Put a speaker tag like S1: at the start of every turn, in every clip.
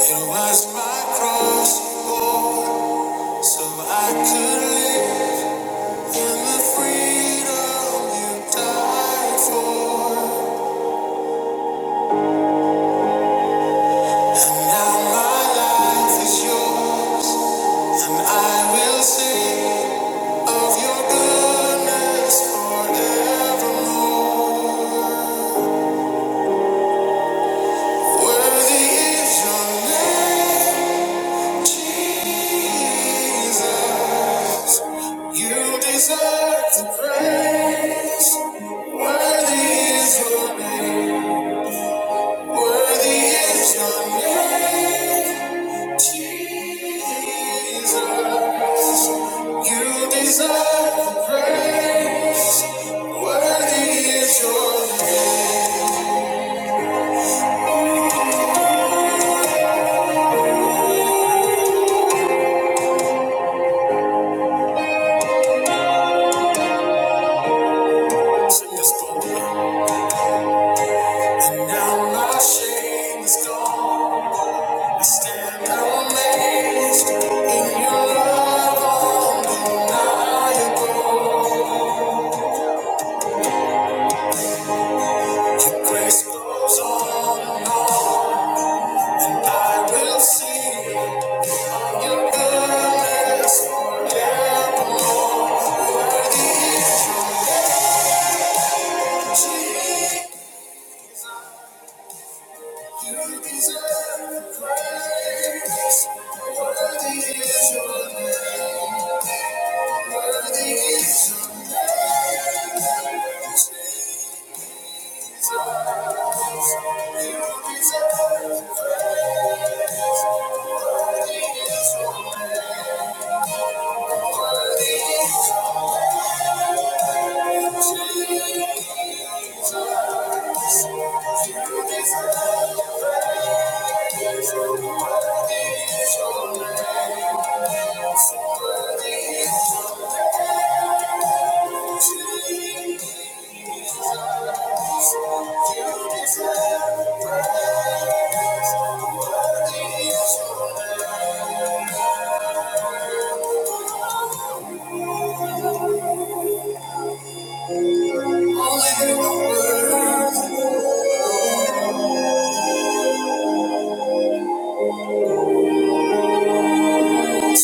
S1: It was my cross you bore, so I could live in the freedom you died for. And now my life is yours, and I will sing of your goodness forevermore. Worthy is your name, Jesus. You deserve the praise. Worthy is your name. Worthy is your name, Jesus. You deserve the praise. Worthy is your name. Sing this boldly. And now my shame is gone. I stand amazed in your love, undeniable. Grace goes on and on. and I will sing your goodness. forever. You deserve the praise. Worthy is your name. Worthy is your name. You deserve the praise. Worthy is your name. Worthy is you praise. Worthy is your name. Oh, the world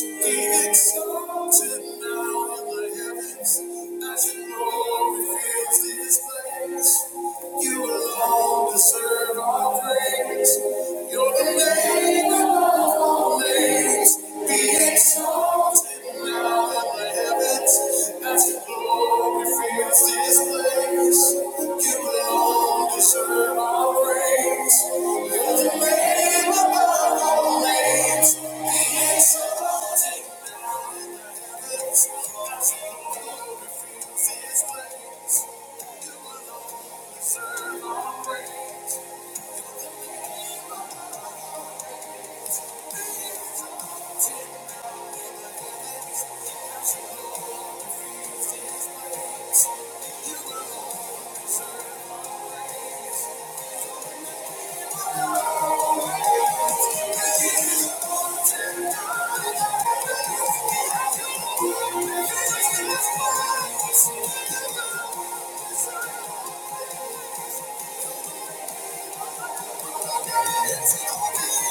S1: be exalted now in the heavens, as your glory fills this place. You alone deserve our praise. You're the name of all names. Be exalted. Thank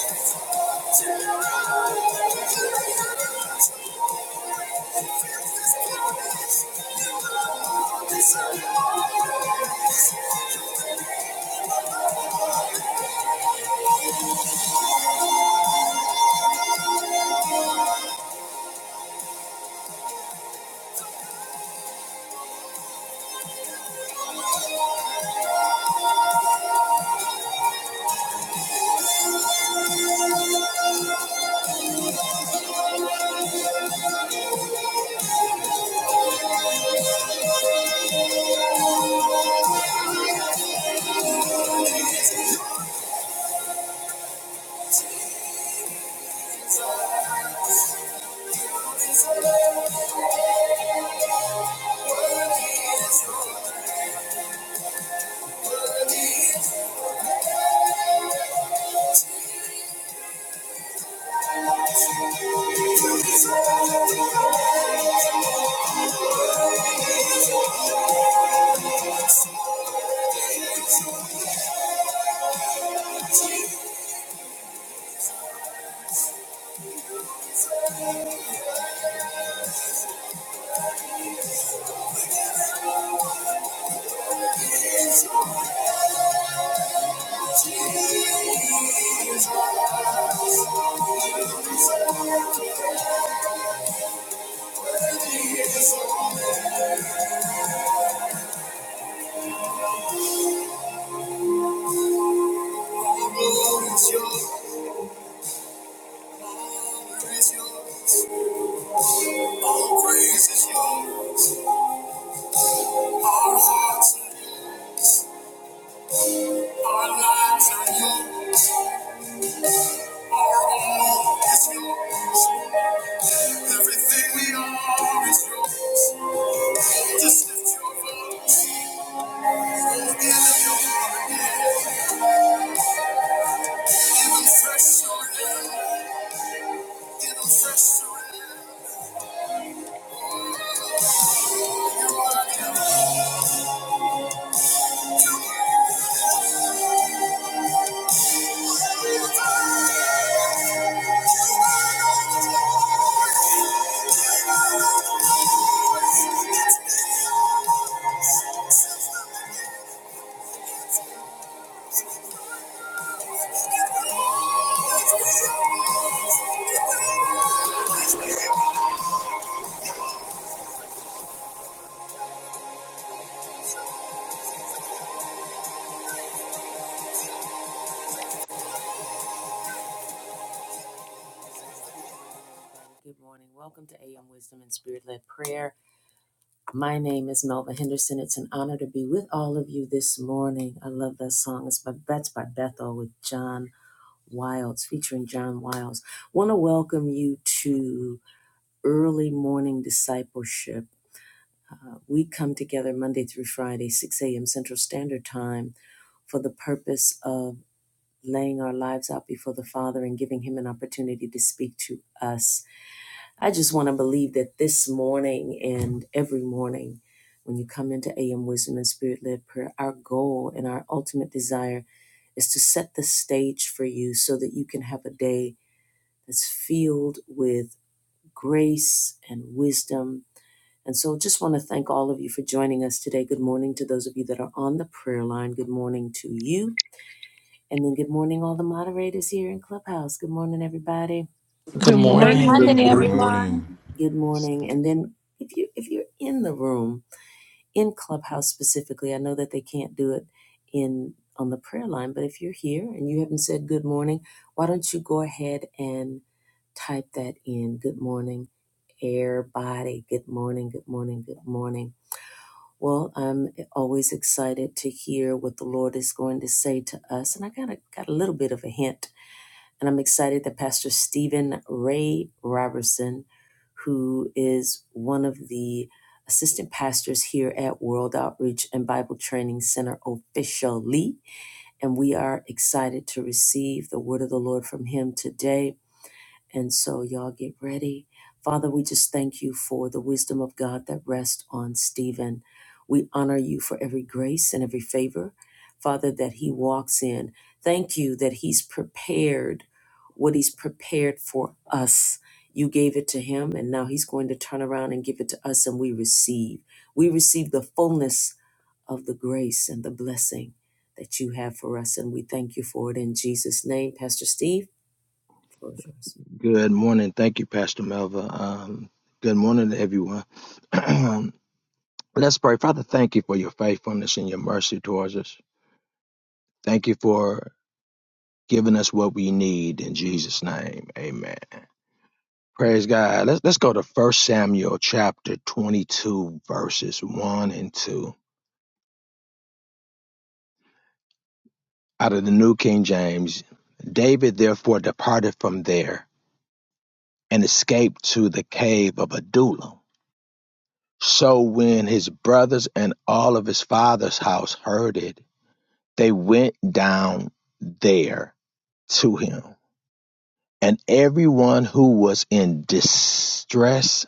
S1: you. All praise is yours. Our hearts our lives are yours. Our all is yours. Everything we are is yours. Good morning. Welcome to AM Wisdom and Spirit Led Prayer. My name is Melva Henderson. It's an honor to be with all of you this morning. I love that song. It's by, that's by Bethel with John Wilds, featuring John Wilds. Want to welcome you to early morning discipleship. Uh, we come together Monday through Friday, 6 a.m. Central Standard Time, for the purpose of laying our lives out before the Father and giving Him an opportunity to speak to us. I just want to believe that this morning and every morning, when you come into AM Wisdom and Spirit led prayer, our goal and our ultimate desire is to set the stage for you so that you can have a day that's filled with grace and wisdom. And so just want to thank all of you for joining us today. Good morning to those of you that are on the prayer line. Good morning to you. And then good morning, all the moderators here in Clubhouse. Good morning, everybody.
S2: Good
S3: Good
S4: Good
S5: Good
S6: Great
S4: morning.
S2: morning.
S6: Monday,
S7: Good
S5: morning.
S8: Good
S3: morning.
S7: morning.
S6: everyone.
S8: morning.
S1: Good morning. And then if you if you're in the room, in Clubhouse specifically, I know that they can't do it in on the prayer line, but if you're here and you haven't said good morning, why don't you go ahead and type that in? Good morning, air body. Good morning, good morning, good morning. Well, I'm always excited to hear what the Lord is going to say to us. And I got a got a little bit of a hint And I'm excited that Pastor Stephen Ray Robertson, who is one of the assistant pastors here at World Outreach and Bible Training Center officially, and we are excited to receive the word of the Lord from him today and so, y'all get ready. Father, we just thank you for the wisdom of God that rests on Stephen. We honor you for every grace and every favor, Father, that he walks in. Thank you that he's prepared what he's prepared for us. You gave it to him, and now he's going to turn around and give it to us, and we receive. We receive the fullness of the grace and the blessing that you have for us, and we thank you for it in Jesus' name. Pastor Steve, the floor is yours.
S5: Good morning. Thank you, Pastor Melva. Um, good morning to everyone. Let's pray. Father, thank you for your faithfulness and your mercy towards us. Thank you for giving us what we need in Jesus' name. Amen. Praise God. Let's let's go to First Samuel chapter 22, verses 1 and 2. Out of the New King James, David therefore departed from there and escaped to the cave of Adullam So when his brothers and all of his father's house heard it, they went down there to him. And everyone who was in distress,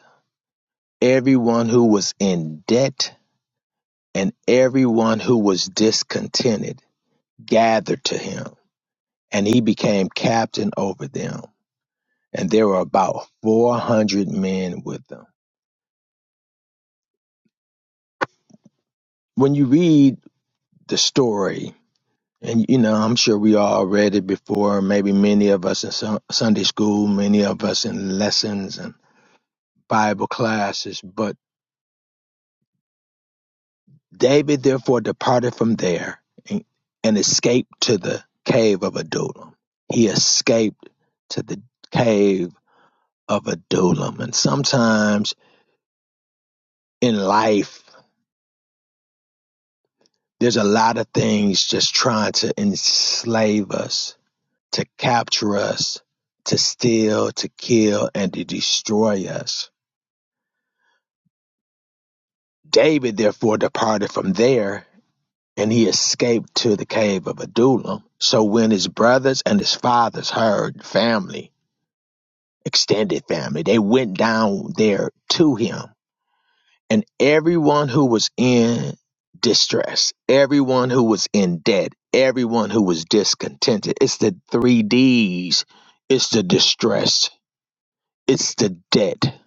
S5: everyone who was in debt, and everyone who was discontented gathered to him. And he became captain over them. And there were about 400 men with them. When you read the story, And you know, I'm sure we all read it before. Maybe many of us in Sun- Sunday school, many of us in lessons and Bible classes. But David therefore departed from there and, and escaped to the cave of Adullam. He escaped to the cave of Adullam. And sometimes in life, there's a lot of things just trying to enslave us, to capture us, to steal, to kill, and to destroy us David therefore departed from there, and he escaped to the cave of Adullam. So when his brothers and his fathers heard family, extended family, they went down there to him. And everyone who was in distress, everyone who was in debt, everyone who was discontented, it's the three D's. It's the distress, it's the debt,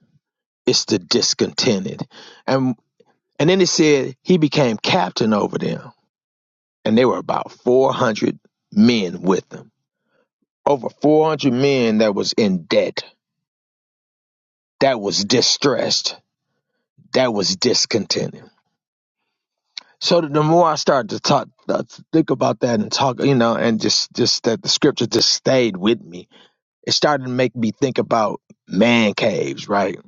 S5: it's the discontented. And and then it said he became captain over them and there were about 400 men with them. Over 400 men that was in debt, that was distressed, that was discontented. So the more I started to talk, uh, think about that and talk, you know, and just just that the scripture just stayed with me. It started to make me think about man caves, right?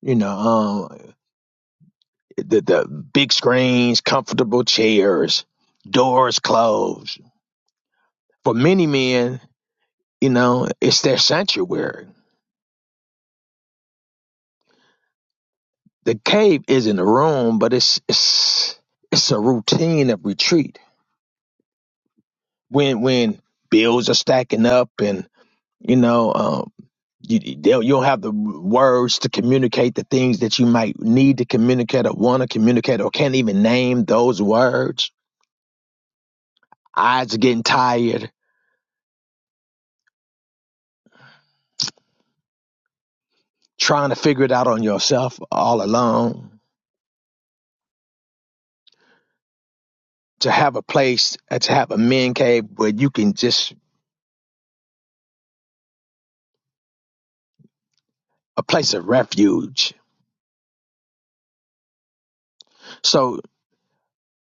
S5: You know, um, the the big screens, comfortable chairs, doors closed. For many men, you know, it's their sanctuary The cave isn't a room, but it's it's it's a routine of retreat. When when bills are stacking up, and you know, um, you you- they'll- you'll have the words to communicate the things that you might need to communicate or want to communicate or can't even name those words. Eyes are getting tired, trying to figure it out on yourself all alone. To have a place, uh, to have a men cave where you can just a place of refuge. So.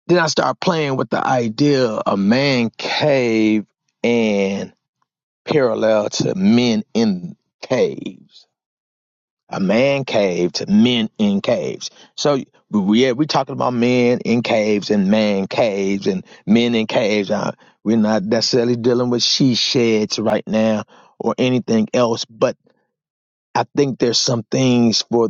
S5: Then I started playing with the idea of man cave and parallel to men in caves. A man cave to men in caves. So yeah, we talking about men in caves and man caves and men in caves. Uh, we're not necessarily dealing with she sheds right now or anything else, but I think there's some things for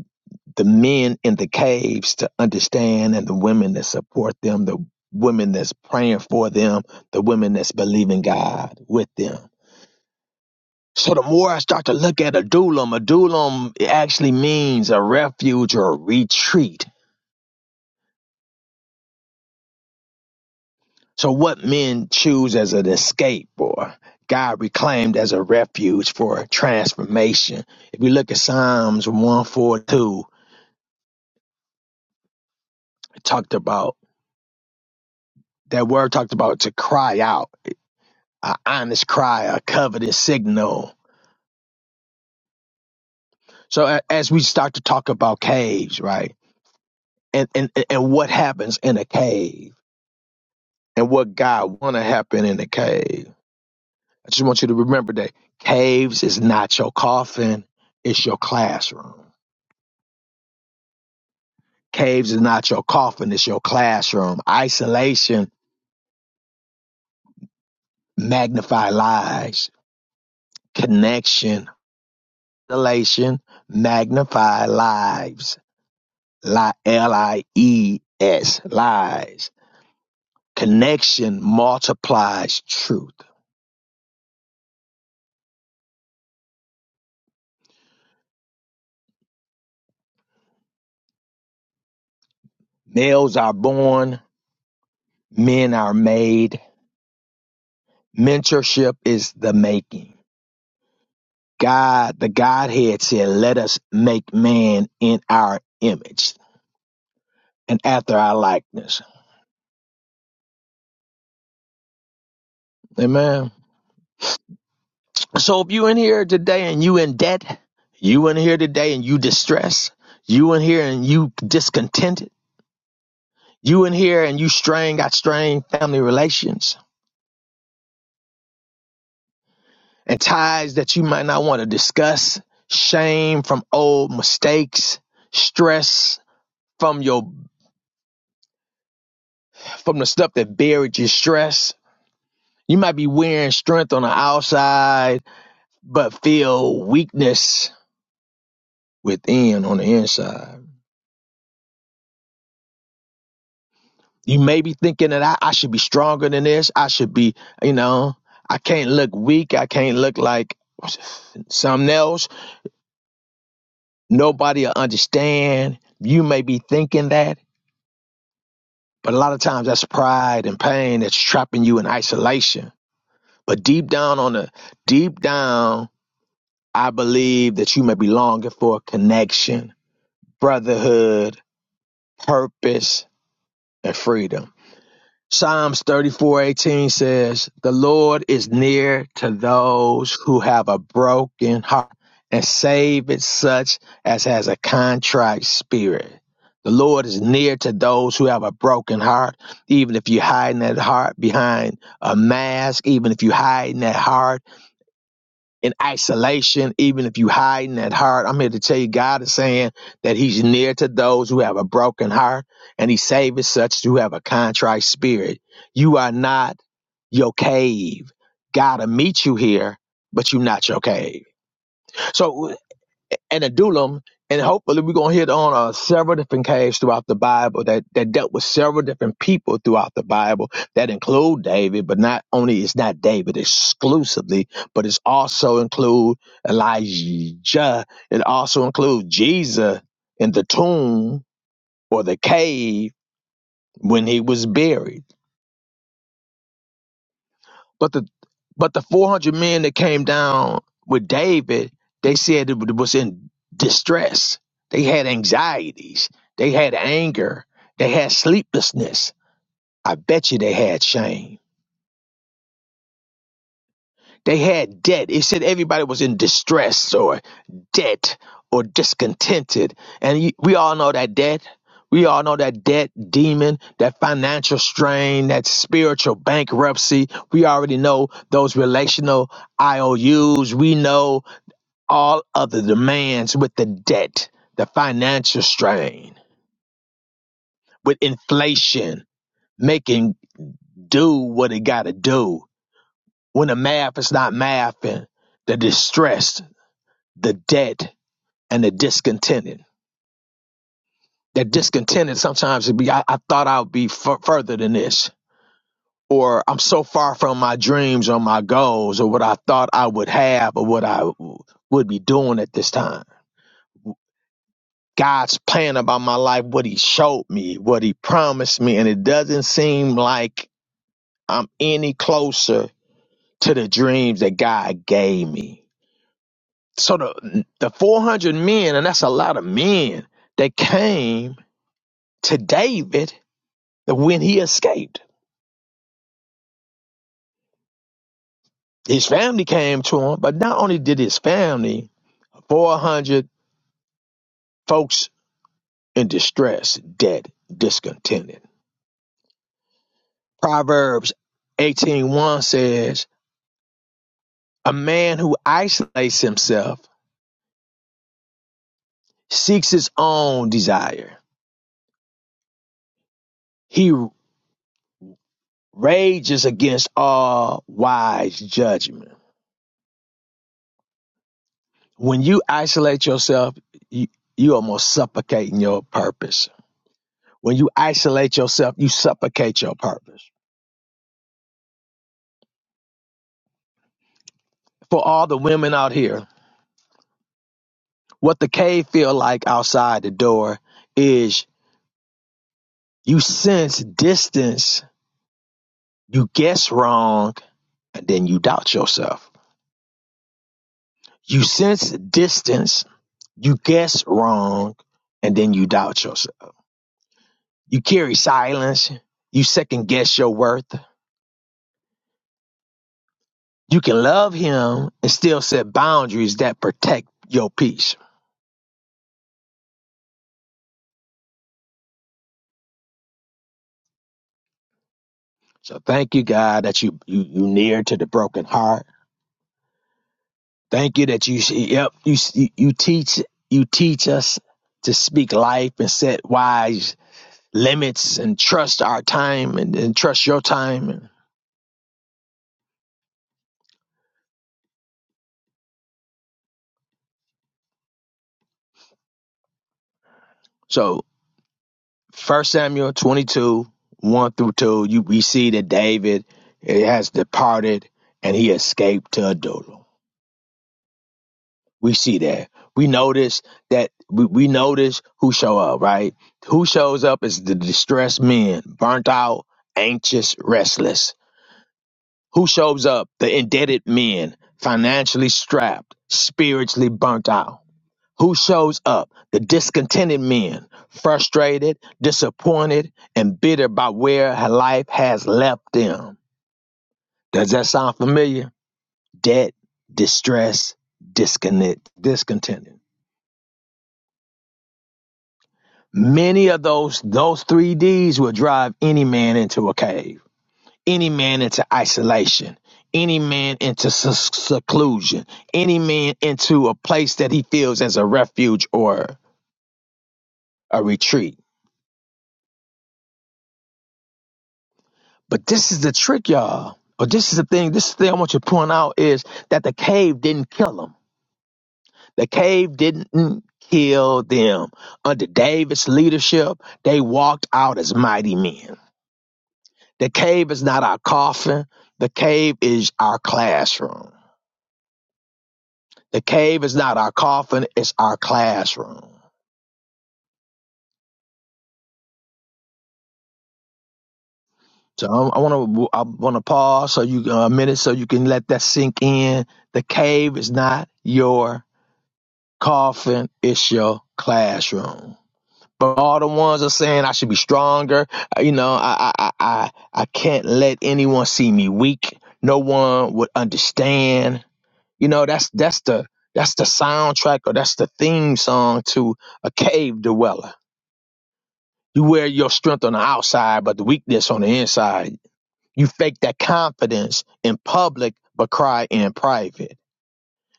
S5: the men in the caves to understand and the women that support them, the women that's praying for them, the women that's believing God with them. So the more I start to look at adullam, adullam it actually means a refuge or a retreat. So what men choose as an escape or God reclaimed as a refuge for transformation. If we look at Psalms 142, it talked about That word talked about to cry out, a honest cry, a covetous signal. So a- as we start to talk about caves, right, and and and what happens in a cave, and what God want to happen in a cave, I just want you to remember that caves is not your coffin; it's your classroom. Caves is not your coffin; it's your classroom. Isolation magnify lies. Connection, isolation magnify lives Li- L-I-E-S, lies. Connection multiplies truth. Males are born, men are made. Mentorship is the making. God, the Godhead said, let us make man in our image and after our likeness. Amen. So if you in here today and you in debt, you in here today and you distressed, you in here and you discontented, you in here and you strain got strained family relations, and ties that you might not want to discuss, shame from old mistakes, stress from your from the stuff that buried your stress. You might be wearing strength on the outside, but feel weakness within on the inside. You may be thinking that I, I should be stronger than this. I should be, you know, I can't look weak. I can't look like something else. Nobody will understand. You may be thinking that But a lot of times that's pride and pain that's trapping you in isolation. But deep down on the deep down, I believe that you may be longing for a connection, brotherhood, purpose, and freedom. Psalms 34:18 says, "The Lord is near to those who have a broken heart and save it such as has a contrite spirit." The Lord is near to those who have a broken heart, even if you're hiding that heart behind a mask, even if you're hiding that heart in isolation, even if you hiding that heart. I'm here to tell you, God is saying that He's near to those who have a broken heart, and He saves such who have a contrite spirit. You are not your cave. God will meet you here, but you're not your cave. So and Adullam, and hopefully we're gonna hit on uh, several different cases throughout the Bible that, that dealt with several different people throughout the Bible that include David, but not only it's not David exclusively, but it's also include Elijah. It also includes Jesus in the tomb or the cave when he was buried. But the but the four hundred men that came down with David, they said it was in distress. They had anxieties. They had anger. They had sleeplessness. I bet you they had shame. They had debt. It said everybody was in distress or debt or discontented. And y- we all know that debt. We all know that debt demon, that financial strain, that spiritual bankruptcy. We already know those relational IOUs. We know all of the demands with the debt, the financial strain, with inflation, making do what it got to do. When the math is not mathing, the distress the dead and the discontented. That discontented sometimes would be, I, I thought I would be f- further than this, or I'm so far from my dreams or my goals or what I thought I would have or what I w- would be doing at this time. God's plan about my life, what He showed me, what He promised me, and it doesn't seem like I'm any closer to the dreams that God gave me. So the the 400 men, and that's a lot of men, that came to David that when he escaped, his family came to him, but not only did his family, 400 folks in distress, dead, discontented. Proverbs eighteen one says, A man who isolates himself seeks his own desire. He rages against all wise judgment. When you isolate yourself, you, you almost suffocating your purpose. When you isolate yourself, you suffocate your purpose for all the women out here, what the cave feel like outside the door is you sense distance, you guess wrong, and then you doubt yourself. You sense distance, you guess wrong, and then you doubt yourself. You carry silence, you second guess your worth. You can love him and still set boundaries that protect your peace. So thank you, God, that you you you near to the broken heart Thank you that you yep you you teach you teach us to speak life and set wise limits and trust our time and, and trust your time. And so, First Samuel twenty two one through two, you we see that David eh, has departed and he escaped to Adullam. We see that. We notice that we, we notice who show up right. Who shows up is the distressed men, burnt out, anxious, restless Who shows up? The indebted men, financially strapped, spiritually burnt out. Who shows up? The discontented men, frustrated, disappointed, and bitter by where her life has left them. Does that sound familiar? Debt, distress, disconnect, discontented. Many of those those three D's will drive any man into a cave. any man into isolation, any man into s- seclusion, any man into a place that he feels as a refuge or a retreat. But this is the trick, y'all. Or this is the thing. This is the thing I want you to point out is that the cave didn't kill them. The cave didn't kill them. Under David's leadership, they walked out as mighty men. The cave is not our coffin. The cave is our classroom. The cave is not our coffin, it's our classroom. So um, I want to I want to pause so you uh, a minute so you can let that sink in. The cave is not your coffin; it's your classroom. But all the ones are saying I should be stronger. uh, You know, I I I I I can't let anyone see me weak. No one would understand. You know, that's that's the that's the soundtrack or that's the theme song to a cave dweller. You wear your strength on the outside, but the weakness on the inside You fake that confidence in public, but cry in private.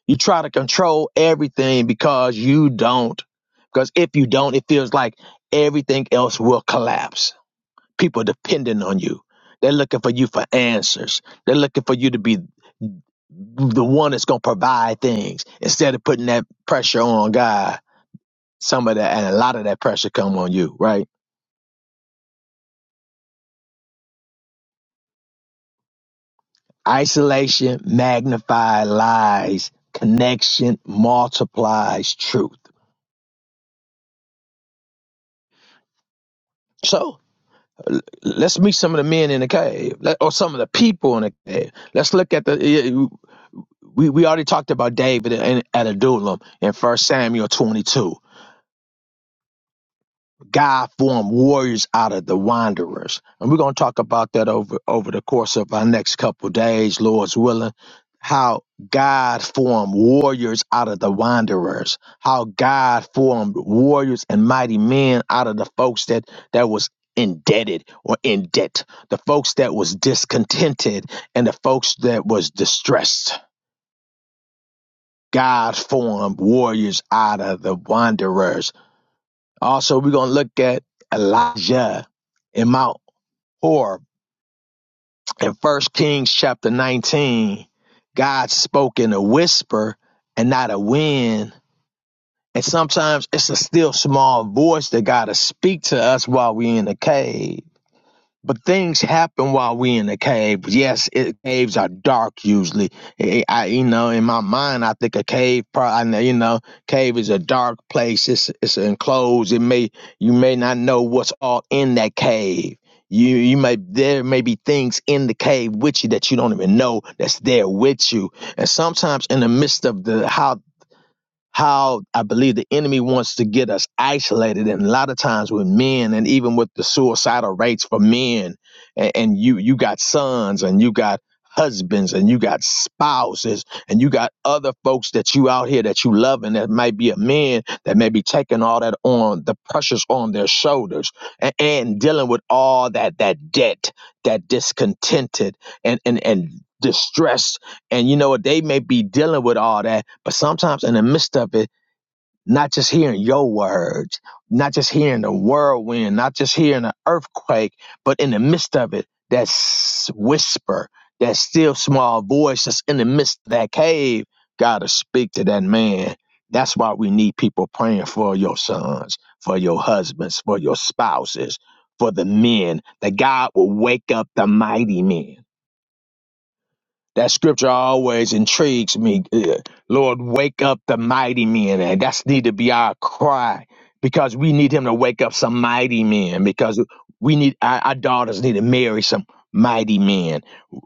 S5: You try to control everything because you don't. Because if you don't, it feels like everything else will collapse. People depending on you. They're looking for you for answers. They're looking for you to be the one that's going to provide things instead of putting that pressure on God. Some of that and a lot of that pressure come on you, right? Isolation magnifies lies, connection multiplies truth. So l- let's meet some of the men in the cave, let- or some of the people in the cave. Let's look at the. eh, We, we already talked about David and, and Adullam in First Samuel 22. God formed warriors out of the wanderers. And we're going to talk about that over, over the course of our next couple days, Lord's willing. How God formed warriors out of the wanderers. How God formed warriors and mighty men out of the folks that, that was indebted or in debt. The folks that was discontented and the folks that was distressed. God formed warriors out of the wanderers also, we're going to look at Elijah in Mount Horeb in 1 Kings chapter 19. God spoke in a whisper and not a wind. And sometimes it's a still small voice that God to speak to us while we're in the cave but things happen while we in the cave. Yes, it, caves are dark usually. I, I- you know, in my mind, I think a cave. Probably, you know, cave is a dark place. It's it's enclosed. It may you may not know what's all in that cave. You you may there may be things in the cave with you that you don't even know that's there with you. And sometimes in the midst of the how how I believe the enemy wants to get us isolated. And a lot of times with men, and even with the suicidal rates for men, and, and you you got sons and you got husbands and you got spouses and you got other folks that you out here that you love and that might be a man that may be taking all that on the pressures on their shoulders and, and dealing with all that that debt that discontented and and and distressed and you know what they may be dealing with all that but sometimes in the midst of it, not just hearing your words, not just hearing the whirlwind, not just hearing the earthquake, but in the midst of it, that s- whisper, that still small voice that's in the midst of that cave, got to speak to that man. That's why we need people praying for your sons, for your husbands, for your spouses, for the men, that God will wake up the mighty men that scripture always intrigues me. Yeah. Lord, wake up the mighty men. And that's need to be our cry because we need him to wake up some mighty men because we need our, our daughters need to marry some mighty men.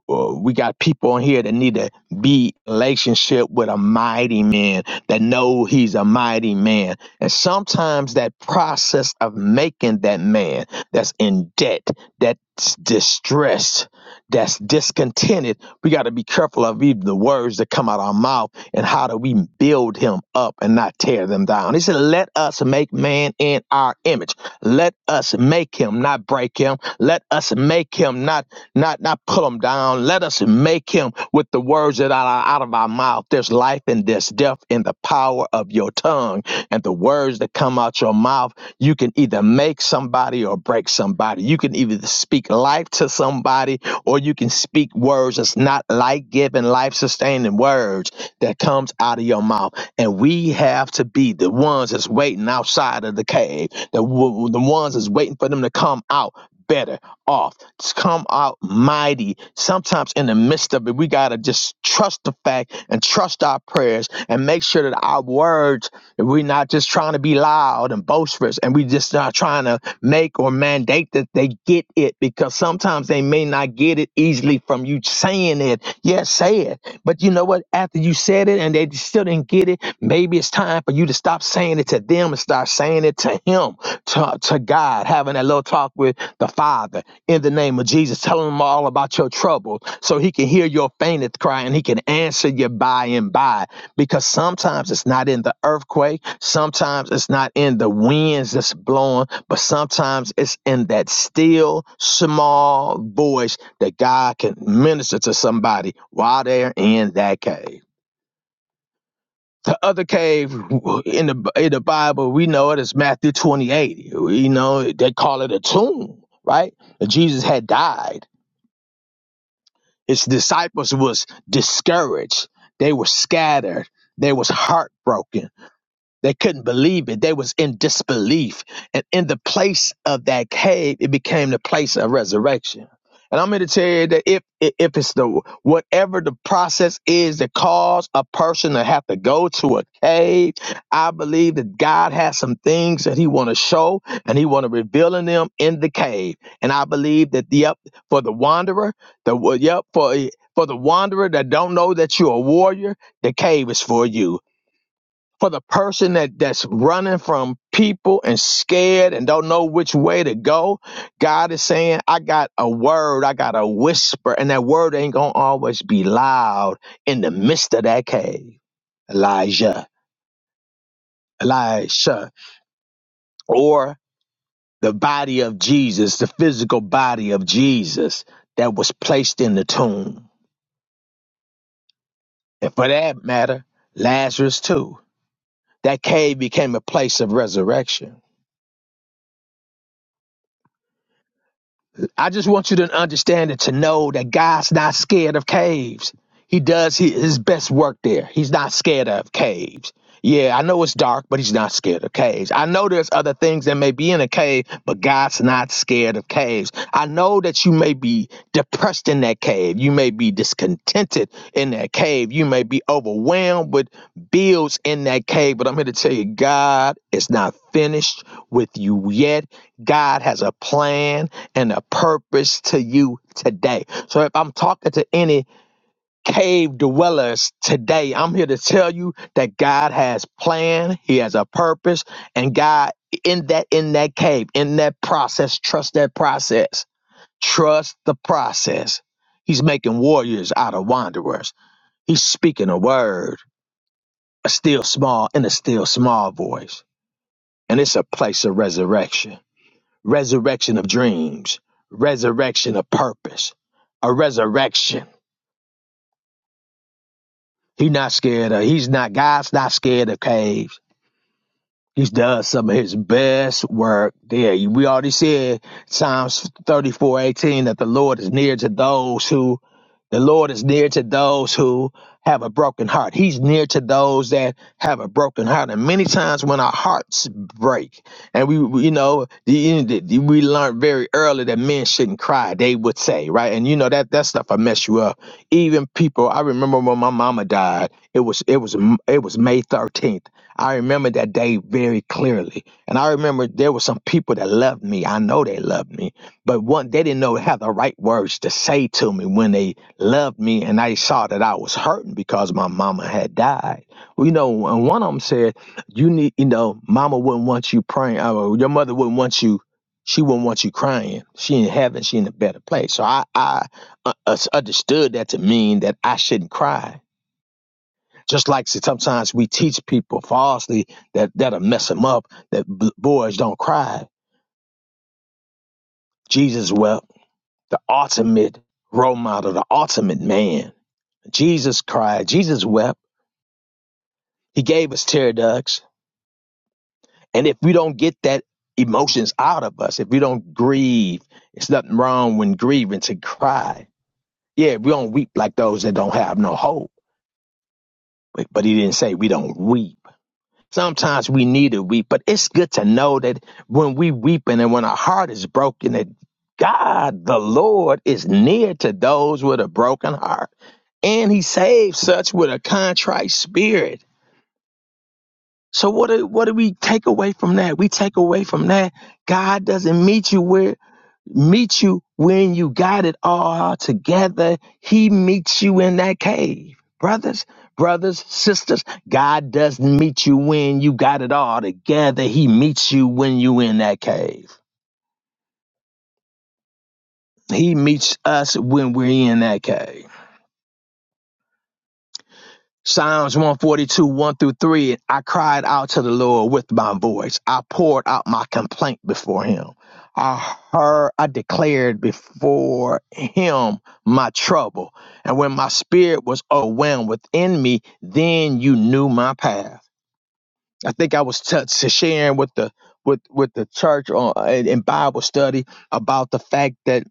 S5: Uh, We got people on here that need to be in relationship with a mighty man that know he's a mighty man. And sometimes that process of making that man that's in debt, that's distressed, that's discontented we got to be careful of even the words that come out of our mouth and how do we build him up and not tear them down. He said, Let us make man in our image. Let us make him, not break him. Let us make him, not not not pull him down. Let us make him with the words that are out of our mouth. There's life and there's death in the power of your tongue and the words that come out your mouth. You can either make somebody or break somebody. You can either speak life to somebody or you can speak words that's not life giving, life sustaining words that comes out of your mouth. And we have to be the ones that's waiting outside of the cave, the, w- the ones that's waiting for them to come out better off. to Come out mighty. Sometimes in the midst of it, we got to just trust the fact and trust our prayers and make sure that our words we're not just trying to be loud and boisterous, and we just not trying to make or mandate that they get it because sometimes they may not get it easily from you saying it. Yes, say it. But you know what? After you said it and they still didn't get it, maybe it's time for you to stop saying it to them and start saying it to Him, to, to God, having that little talk with the Father in the name of Jesus, telling Him all about your trouble so He can hear your faintest cry and He can answer you by and by because sometimes it's not in the earthquake, sometimes it's not in the winds that's blowing, but sometimes it's in that still small voice that God can minister to somebody while they're in that cave. The other cave in the in the Bible, we know it is Matthew 28. You know, they call it a tomb, right? Jesus had died. His disciples was discouraged. They were scattered. They was heartbroken They couldn't believe it. They was in disbelief. And in the place of that cave, it became the place of resurrection. And I'm here to tell you that if if it's the whatever the process is that cause a person to have to go to a cave, I believe that God has some things that He want to show and He want to reveal in them in the cave. And I believe that the up for the wanderer, the wa- yep for for the wanderer that don't know that you're a warrior, the cave is for you for the person that that's running from people and scared and don't know which way to go god is saying i got a word i got a whisper and that word ain't gonna always be loud in the midst of that cave elijah elisha or the body of jesus the physical body of jesus that was placed in the tomb and for that matter lazarus too that cave became a place of resurrection I just want you to understand and to know that God's not scared of caves. He does his best work there. He's not scared of caves. Yeah, I know it's dark, but he's not scared of caves. I know there's other things that may be in a cave, but God's not scared of caves. I know that you may be depressed in that cave. You may be discontented in that cave. You may be overwhelmed with bills in that cave, but I'm here to tell you God is not finished with you yet. God has a plan and a purpose to you today. So if I'm talking to any cave dwellers today, I'm here to tell you that God has plan, he has a purpose, and God in that in that cave, in that process, trust that process. Trust the process. He's making warriors out of wanderers. He's speaking a word, a still small in a still small voice. And it's a place of resurrection. resurrection of dreams, resurrection of purpose, a resurrection. He not scared of, he's not, God's not scared of caves. He's done some of his best work there. We already said Psalms thirty four eighteen that the Lord is near to those who, the Lord is near to those who have a broken heart. He's near to those that. have a broken heart. And many times when our hearts break, and we, we- you know, the, the- we learned very early that men shouldn't cry. They would say, right? And you know that that stuff will mess you up. Even people, I remember when my mama died. It was it was it was May thirteenth. I remember that day very clearly, and I remember there were some people that loved me. I know they loved me, but one they didn't know have the right words to say to me when they loved me, and I saw that I was hurting because my mama had died well, you know, and one of them said, "You need, you know, Mama wouldn't want you praying. uh, Or your mother wouldn't want you. She wouldn't want you crying. She in heaven. She in a better place." So I, I uh, uh, understood that to mean that I shouldn't cry. Just like sometimes we teach people falsely that that'll mess them up. That b- boys don't cry. Jesus wept. The ultimate role model. The ultimate man. Jesus cried. Jesus wept. He gave us tear ducts. And if we don't get that emotions out of us, if we don't grieve, it's nothing wrong when grieving to cry. Yeah, we don't weep like those that don't have no hope. But, but he didn't say we don't weep. Sometimes we need to weep, but it's good to know that when we weeping and when our heart is broken, that God, the Lord, is near to those with a broken heart. And he saves such with a contrite spirit. So what do, what do we take away from that? We take away from that God doesn't meet you where meet you when you got it all together. He meets you in that cave. Brothers, brothers, sisters, God doesn't meet you when you got it all together. He meets you when you in that cave. He meets us when we're in that cave. Psalms 142, 1 through 3. I cried out to the Lord with my voice. I poured out my complaint before him. I heard, I declared before him my trouble. And when my spirit was overwhelmed within me, then you knew my path. I think I was touched to sharing with the with with the church on in Bible study about the fact that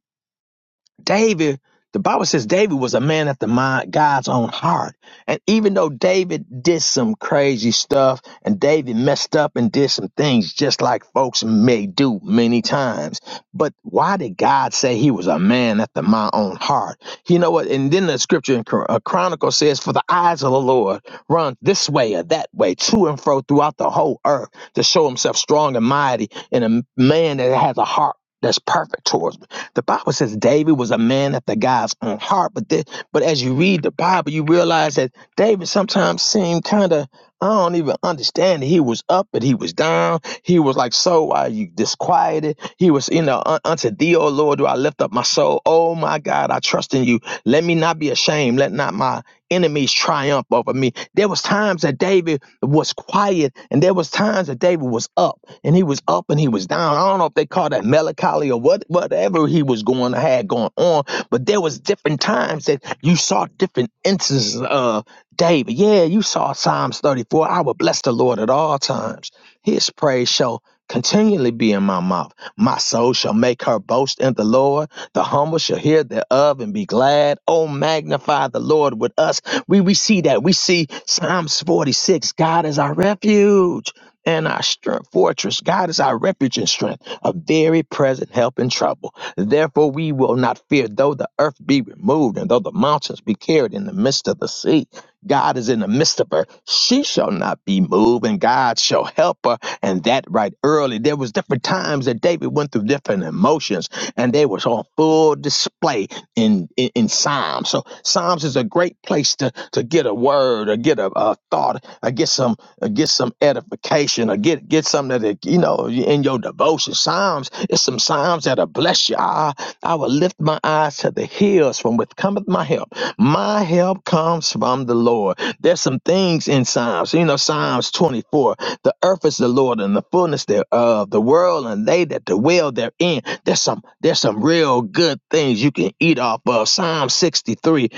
S5: David, the Bible says David was a man after my God's own heart. And even though David did some crazy stuff and David messed up and did some things just like folks may do many times, but why did God say he was a man after my own heart? You know what? And then the scripture in Chron- uh, Chronicle says, For the eyes of the Lord run this way or that way, to and fro throughout the whole earth to show himself strong and mighty in a man that has a heart that's perfect towards me. The Bible says David was a man after God's own heart, but the, but as you read the Bible, you realize that David sometimes seemed kind of I don't even understand. it. He was up but he was down. He was like, "So are you disquieted?" He was, you know, unto thee, O Lord, do I lift up my soul? Oh my God, I trust in you. Let me not be ashamed. Let not my enemies triumph over me. There was times that David was quiet, and there was times that David was up, and he was up and he was down. I don't know if they call that melancholy or what, whatever he was going had going on, but there was different times that you saw different instances of David. Yeah, you saw Psalms 34. I will bless the Lord at all times. His praise shall continually be in my mouth. My soul shall make her boast in the Lord. The humble shall hear thereof and be glad. Oh, magnify the Lord with us. We, we see that. We see Psalms 46. God is our refuge and our strength, fortress. God is our refuge and strength, a very present help in trouble. Therefore, we will not fear, though the earth be removed and though the mountains be carried in the midst of the sea God is in the midst of her. She shall not be moved, and God shall help her. And that right early. There was different times that David went through different emotions, and they was on full display in, in, in Psalms. So Psalms is a great place to, to get a word or get a, a thought or get some or get some edification devotion or get get something that you know in your devotion. Psalms, it's some psalms that'll bless you. I, I will lift my eyes to the hills from which cometh my help. My help comes from the Lord. There's some things in Psalms. You know, Psalms 24. The earth is the Lord and the fullness thereof, the world and they that dwell therein. There's some there's some real good things you can eat off of. Psalm 63.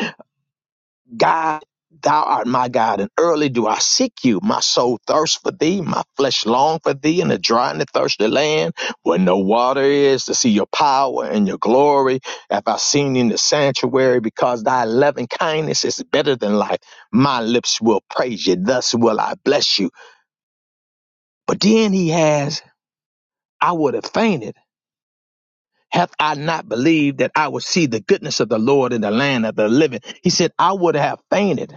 S5: God, thou art my God, and early do I seek you. My soul thirsts for thee, my flesh long for thee in the dry and the thirsty land where no water is to see your power and your glory. Have I seen in the sanctuary because thy loving kindness is better than life. My lips will praise you, thus will I bless you. But then he has, I would have fainted. Hath I not believed that I would see the goodness of the Lord in the land of the living? He said, I would have fainted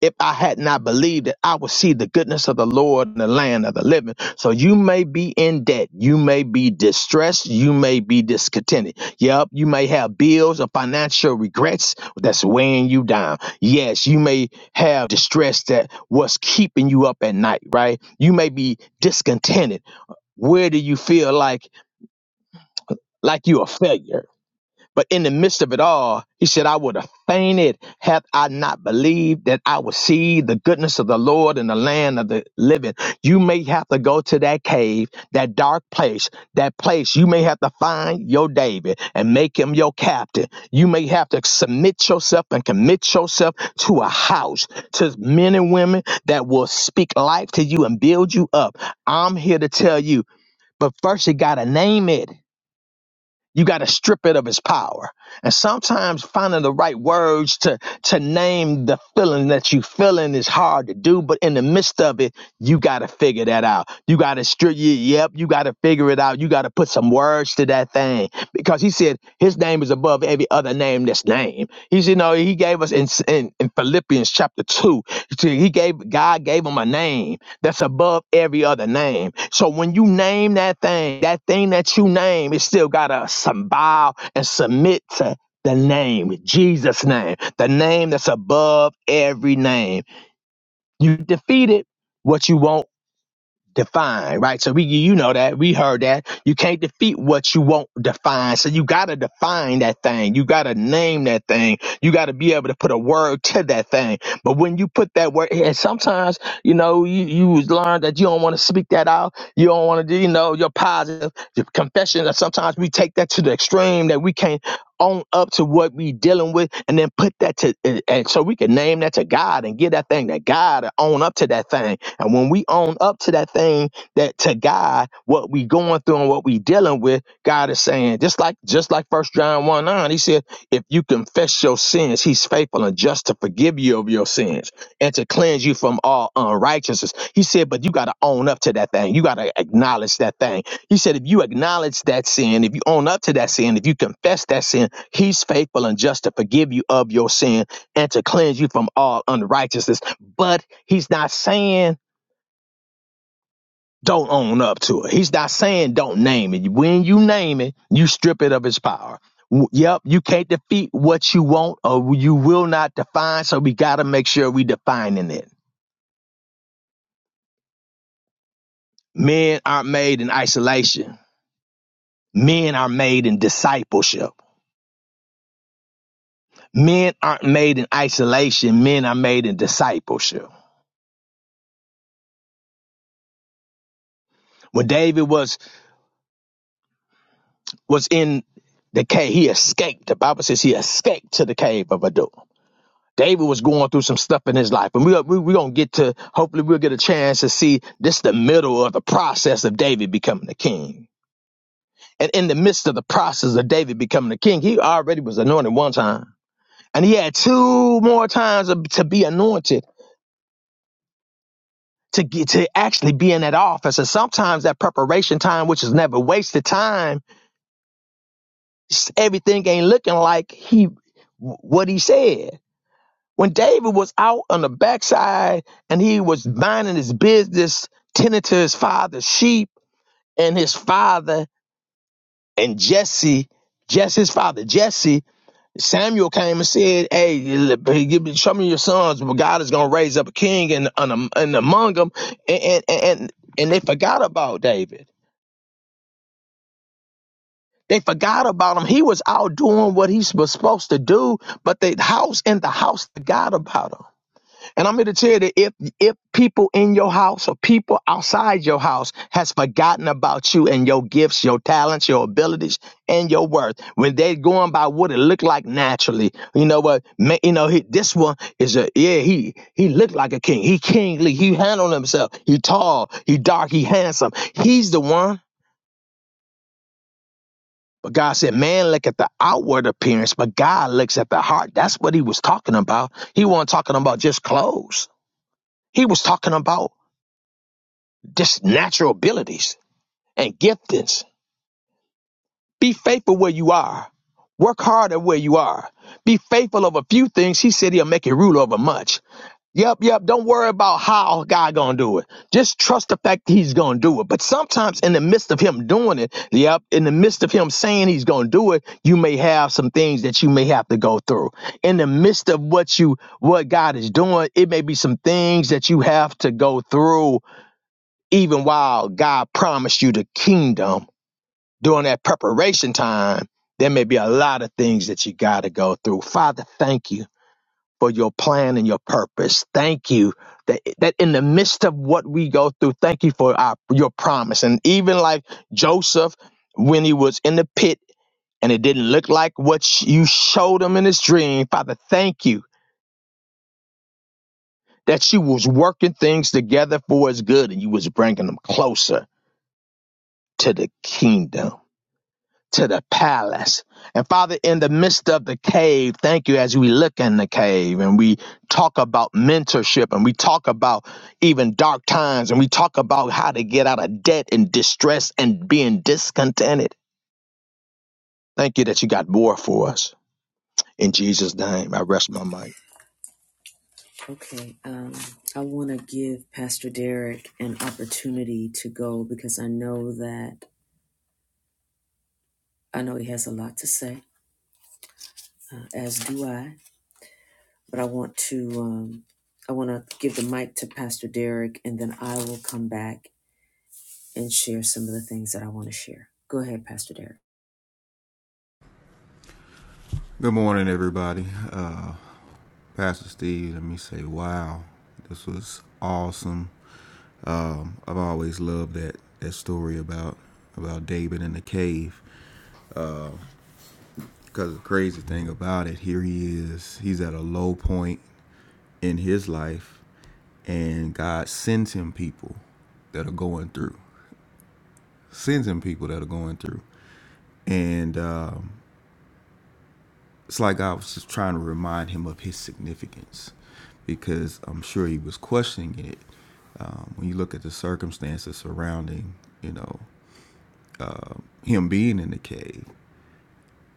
S5: if I had not believed that I would see the goodness of the Lord in the land of the living. So you may be in debt. You may be distressed. You may be discontented. Yep. You may have bills or financial regrets that's weighing you down. Yes. You may have distress that was keeping you up at night, right? You may be discontented. Where do you feel like like you're a failure? But in the midst of it all, he said, I would have fainted had I not believed that I would see the goodness of the Lord in the land of the living. You may have to go to that cave, that dark place, that place. You may have to find your David and make him your captain. You may have to submit yourself and commit yourself to a house, to men and women that will speak life to you and build you up. I'm here to tell you, but first you got to name it. You got to strip it of its power. And sometimes finding the right words to, to name the feeling that you feeling is hard to do, but in the midst of it, you got to figure that out. You got to strip, yep, you got to figure it out. You got to put some words to that thing because he said his name is above every other name that's named. He said, no, he gave us in, in, in Philippians chapter two, he gave, God gave him a name that's above every other name. So when you name that thing, that thing that you name, it still gotta some bow and submit to the name, Jesus' name, the name that's above every name. You defeated what you want define, right? So we, you know that we heard that you can't defeat what you won't define. So you got to define that thing. You got to name that thing. You got to be able to put a word to that thing. But when you put that word, and sometimes, you know, you, you was learn that you don't want to speak that out. You don't want to do, you know, your positive your confession that sometimes we take that to the extreme that we can't own up to what we dealing with and then put that to, and and so we can name that to God and give that thing to God and own up to that thing and when we own up to that thing that to God, what we going through and what we dealing with, God is saying, just like just like first John 1 9, he said, if you confess your sins, he's faithful and just to forgive you of your sins and to cleanse you from all unrighteousness. He said, but you gotta own up to that thing. You gotta acknowledge that thing. He said, if you acknowledge that sin, if you own up to that sin, if you confess that sin, he's faithful and just to forgive you of your sin and to cleanse you from all unrighteousness. But he's not saying don't own up to it. He's not saying don't name it. When you name it, you strip it of its power. W- Yep, you can't defeat what you want or you will not define, so we got to make sure we defining it. Men aren't made in isolation. Men are made in discipleship. Men aren't made in isolation. Men are made in discipleship. When David was was in the cave, he escaped. The Bible says he escaped to the cave of Adullam. David was going through some stuff in his life, and we're we, we gonna get to. Hopefully, we'll get a chance to see this the middle of the process of David becoming the king. And in the midst of the process of David becoming the king, he already was anointed one time, and he had two more times of- to be anointed to get to actually be in that office. And sometimes that preparation time, which is never wasted time, everything ain't looking like he what he said. When David was out on the backside and he was minding his business, tending to his father's sheep, and his father and Jesse, Jesse's father, Jesse, Samuel came and said, Hey, hey, give me, show me your sons. Well, God is going to raise up a king and, and, and among them. And, and, and, and they forgot about David. They forgot about him. He was out doing what he was supposed to do, but the house and the house forgot about him. And I'm here to tell you that if if people in your house or people outside your house has forgotten about you and your gifts, your talents, your abilities, and your worth, when they going by what it looked like naturally, you know what? ma- you know he, this one is a yeah he he looked like a king. He kingly. He handled himself. He tall. He dark. He handsome. He's the one. But God said, man, look at the outward appearance, but God looks at the heart. That's what he was talking about. He wasn't talking about just clothes. He was talking about just natural abilities and giftings. Be faithful where you are. Work hard at where you are. Be faithful of a few things. He said he'll make you rule over much. Yep, yep. Don't worry about how God gonna do it. Just trust the fact that he's gonna do it. But sometimes in the midst of him doing it, yep, in the midst of him saying he's gonna do it, you may have some things that you may have to go through. In the midst of what you what God is doing, it may be some things that you have to go through even while God promised you the kingdom during that preparation time, there may be a lot of things that you got to go through. Father, thank you for your plan and your purpose. Thank you that, that in the midst of what we go through, thank you for our, your promise. And even like Joseph, when he was in the pit and it didn't look like what you showed him in his dream, Father, thank you that you was working things together for his good and you was bringing them closer to the kingdom. to the palace. And Father, in the midst of the cave, thank you as we look in the cave and we talk about mentorship and we talk about even dark times and we talk about how to get out of debt and distress and being discontented. Thank you that you got more for us. In Jesus' name, I rest my mic.
S1: Okay, um, I want to give Pastor Derek an opportunity to go because I know that I know he has a lot to say, uh, as do I. But I want to, um, I want to give the mic to Pastor Derek, and then I will come back and share some of the things that I want to share. Go ahead, Pastor Derek.
S8: Good morning, everybody. Uh, Pastor Steve, let me say, wow, this was awesome. I've always loved that that story about about David in the cave. Because the crazy thing about it, here he is. He's at a low point in his life, and God sends him people that are going through. Sends him people that are going through, and um, it's like I was just trying to remind him of his significance because I'm sure he was questioning it. Um, when you look at the circumstances surrounding, you know, uh, him being in the cave,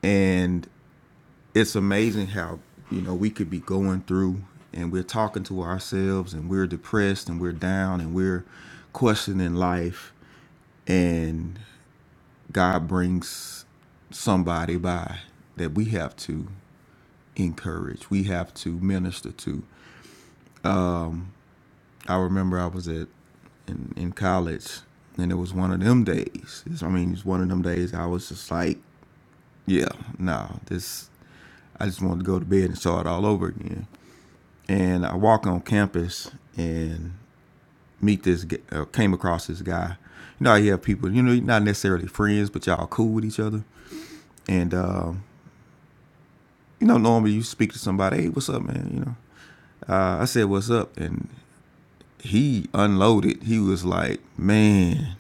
S8: and it's amazing how you know we could be going through and we're talking to ourselves and we're depressed and we're down and we're questioning life, and God brings somebody by that we have to encourage, we have to minister to, I remember I was at in, in college, and it was one of them days. It's- I mean, it's one of them days I was just like, yeah, nah, this. I just wanted to go to bed and start all over again. And I walk on campus and meet this, g- uh, came across this guy. You know, how you have people, you know, you're not necessarily friends, but y'all cool with each other. And um, you know, normally you speak to somebody, hey, what's up, man? You know, uh, I said, what's up, and he unloaded. He was like, man,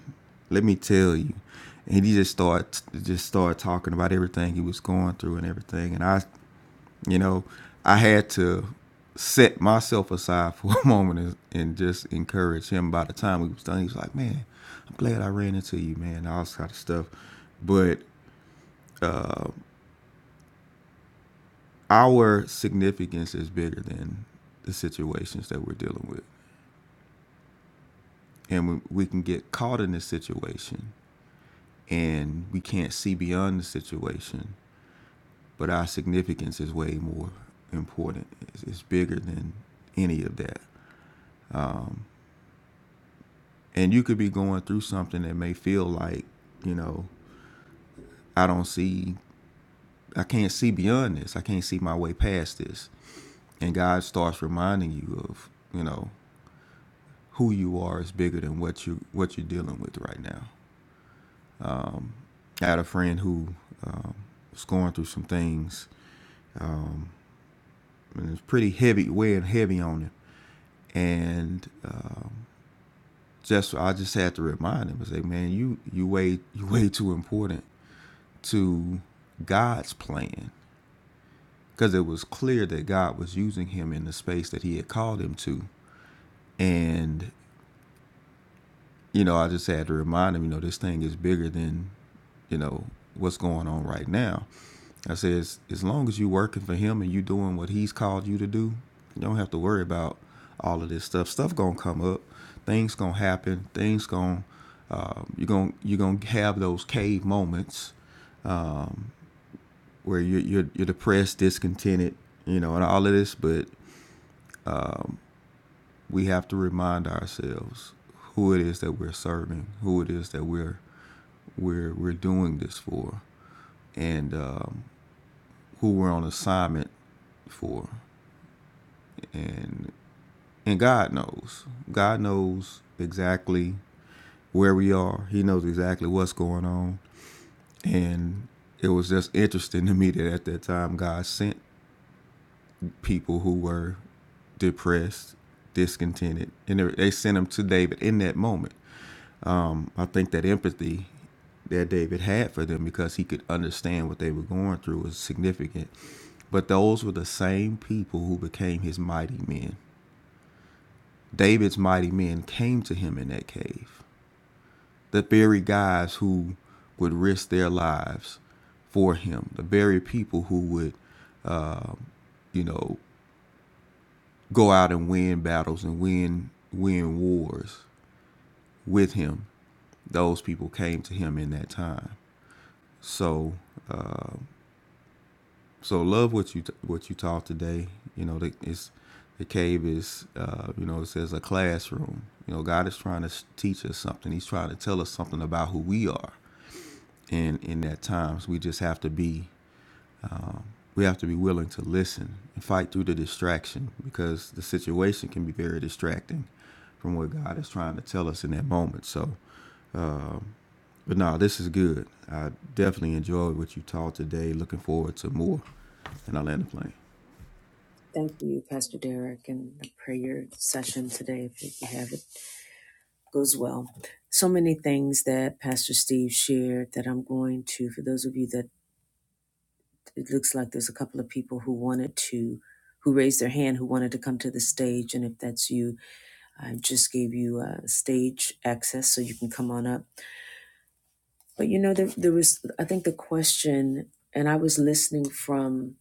S8: let me tell you. And he just started just started talking about everything he was going through and everything. And I, you know, I had to set myself aside for a moment and, and just encourage him. By the time we was done, he was like, "Man, I'm glad I ran into you, man." All this kind of stuff. But uh, our significance is bigger than the situations that we're dealing with, and we, we can get caught in this situation and we can't see beyond the situation. But our significance is way more important. It's, it's bigger than any of that. And you could be going through something that may feel like, you know, I don't see, I can't see beyond this. I can't see my way past this. And God starts reminding you of, you know, who you are is bigger than what you what you're dealing with right now. I had a friend who um, was going through some things, and it's pretty heavy, weighing heavy on him. And um, just I just had to remind him and say, man, you you way you way too important to God's plan because it was clear that God was using him in the space that He had called him to, and you know I just had to remind him, you know, this thing is bigger than you know what's going on right now, I said, as, as long as you working for him and you doing what he's called you to do, you don't have to worry about all of this stuff. Stuff gonna come up, things gonna happen, things gonna uh, you're gonna you're gonna have those cave moments where you're, you're you're depressed, discontented, you know, and all of this. But we have to remind ourselves who it is that we're serving, who it is that we're we're we're doing this for, and um, who we're on assignment for, and And God knows. God knows exactly where we are. He knows exactly what's going on. And it was just interesting to me that at that time God sent people who were depressed, discontented, and they- sent them to David in that moment. I think that empathy that David had for them because he could understand what they were going through was significant. But those were the same people who became his mighty men. David's mighty men came to him in that cave. the very guys who would risk their lives for him, the very people who would, you know, go out and win battles and win win wars with him. Those people came to him in that time. So, so love what you what you taught today. You know, the, it's the cave is, uh, you know, it says a classroom. You know, God is trying to teach us something. He's trying to tell us something about who we are. And in that times, so we just have to be Um, we have to be willing to listen and fight through the distraction because the situation can be very distracting from what God is trying to tell us in that moment. So, um, but no, this is good. I definitely enjoyed what you taught today. Looking forward to more. And I land the plane.
S1: Thank you, Pastor Derek, and the prayer session today, if you have it, goes well. So many things that Pastor Steve shared that I'm going to, for those of you that It looks like there's a couple of people who wanted to, who raised their hand, who wanted to come to the stage. And if that's you, I just gave you uh, stage access so you can come on up. But you know, there, there was, I think the question, and I was listening from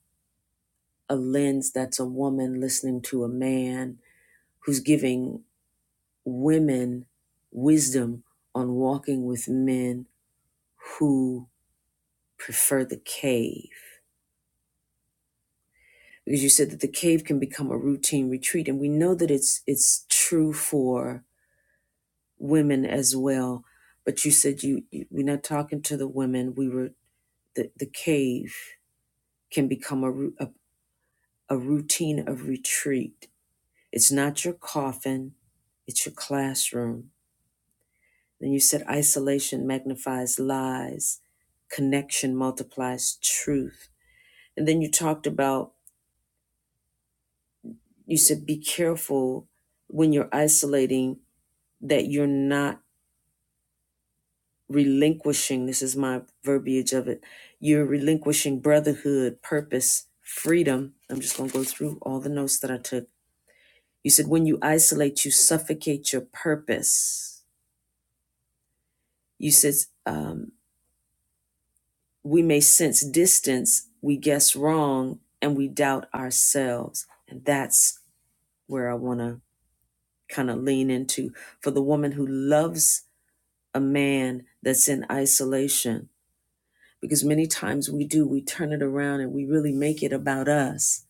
S1: a lens that's a woman listening to a man who's giving women wisdom on walking with men who prefer the cave Because you said that the cave can become a routine retreat, and we know that it's it's true for women as well. But you said you, you we're not talking to the women. We were the the cave can become a a, a routine of retreat. It's not your coffin. It's your classroom. Then you said isolation magnifies lies, connection multiplies truth. And then you talked about, you said, be careful when you're isolating that you're not relinquishing this is my verbiage of it you're relinquishing brotherhood purpose freedom i'm just going to go through all the notes that i took you said when you isolate you suffocate your purpose you said um, we may sense distance we guess wrong and we doubt ourselves and that's where i want to kind of lean into for the woman who loves a man that's in isolation because many times we do we turn it around and we really make it about us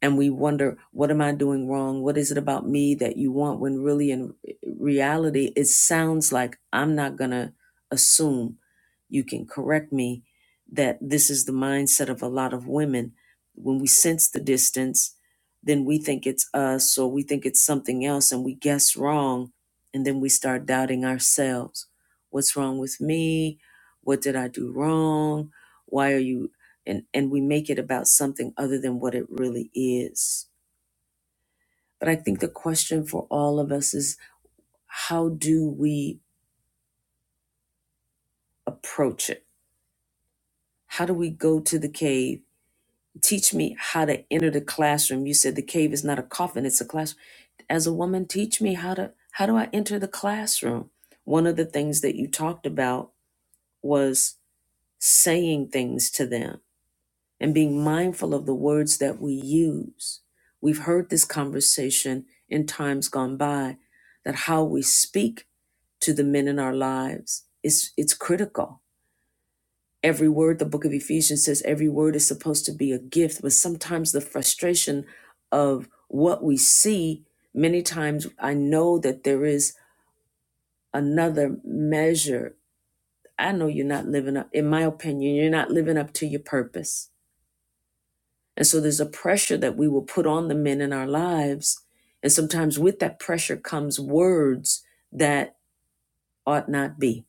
S1: and we wonder what am i doing wrong what is it about me that you want when really in reality it sounds like i'm not going to assume you can correct me that this is the mindset of a lot of women when we sense the distance then we think it's us or we think it's something else and we guess wrong and then we start doubting ourselves what's wrong with me what did i do wrong why are you and and we make it about something other than what it really is but i think the question for all of us is how do we approach it how do we go to the cave Teach me how to enter the classroom. You said the cave is not a coffin, it's a classroom. As a woman, teach me how to how do I enter the classroom? One of the things that you talked about was saying things to them and being mindful of the words that we use. We've heard this conversation in times gone by that how we speak to the men in our lives is it's critical every word the book of ephesians says every word is supposed to be a gift but sometimes the frustration of what we see many times i know that there is another measure i know you're not living up in my opinion you're not living up to your purpose and so there's a pressure that we will put on the men in our lives and sometimes with that pressure comes words that ought not be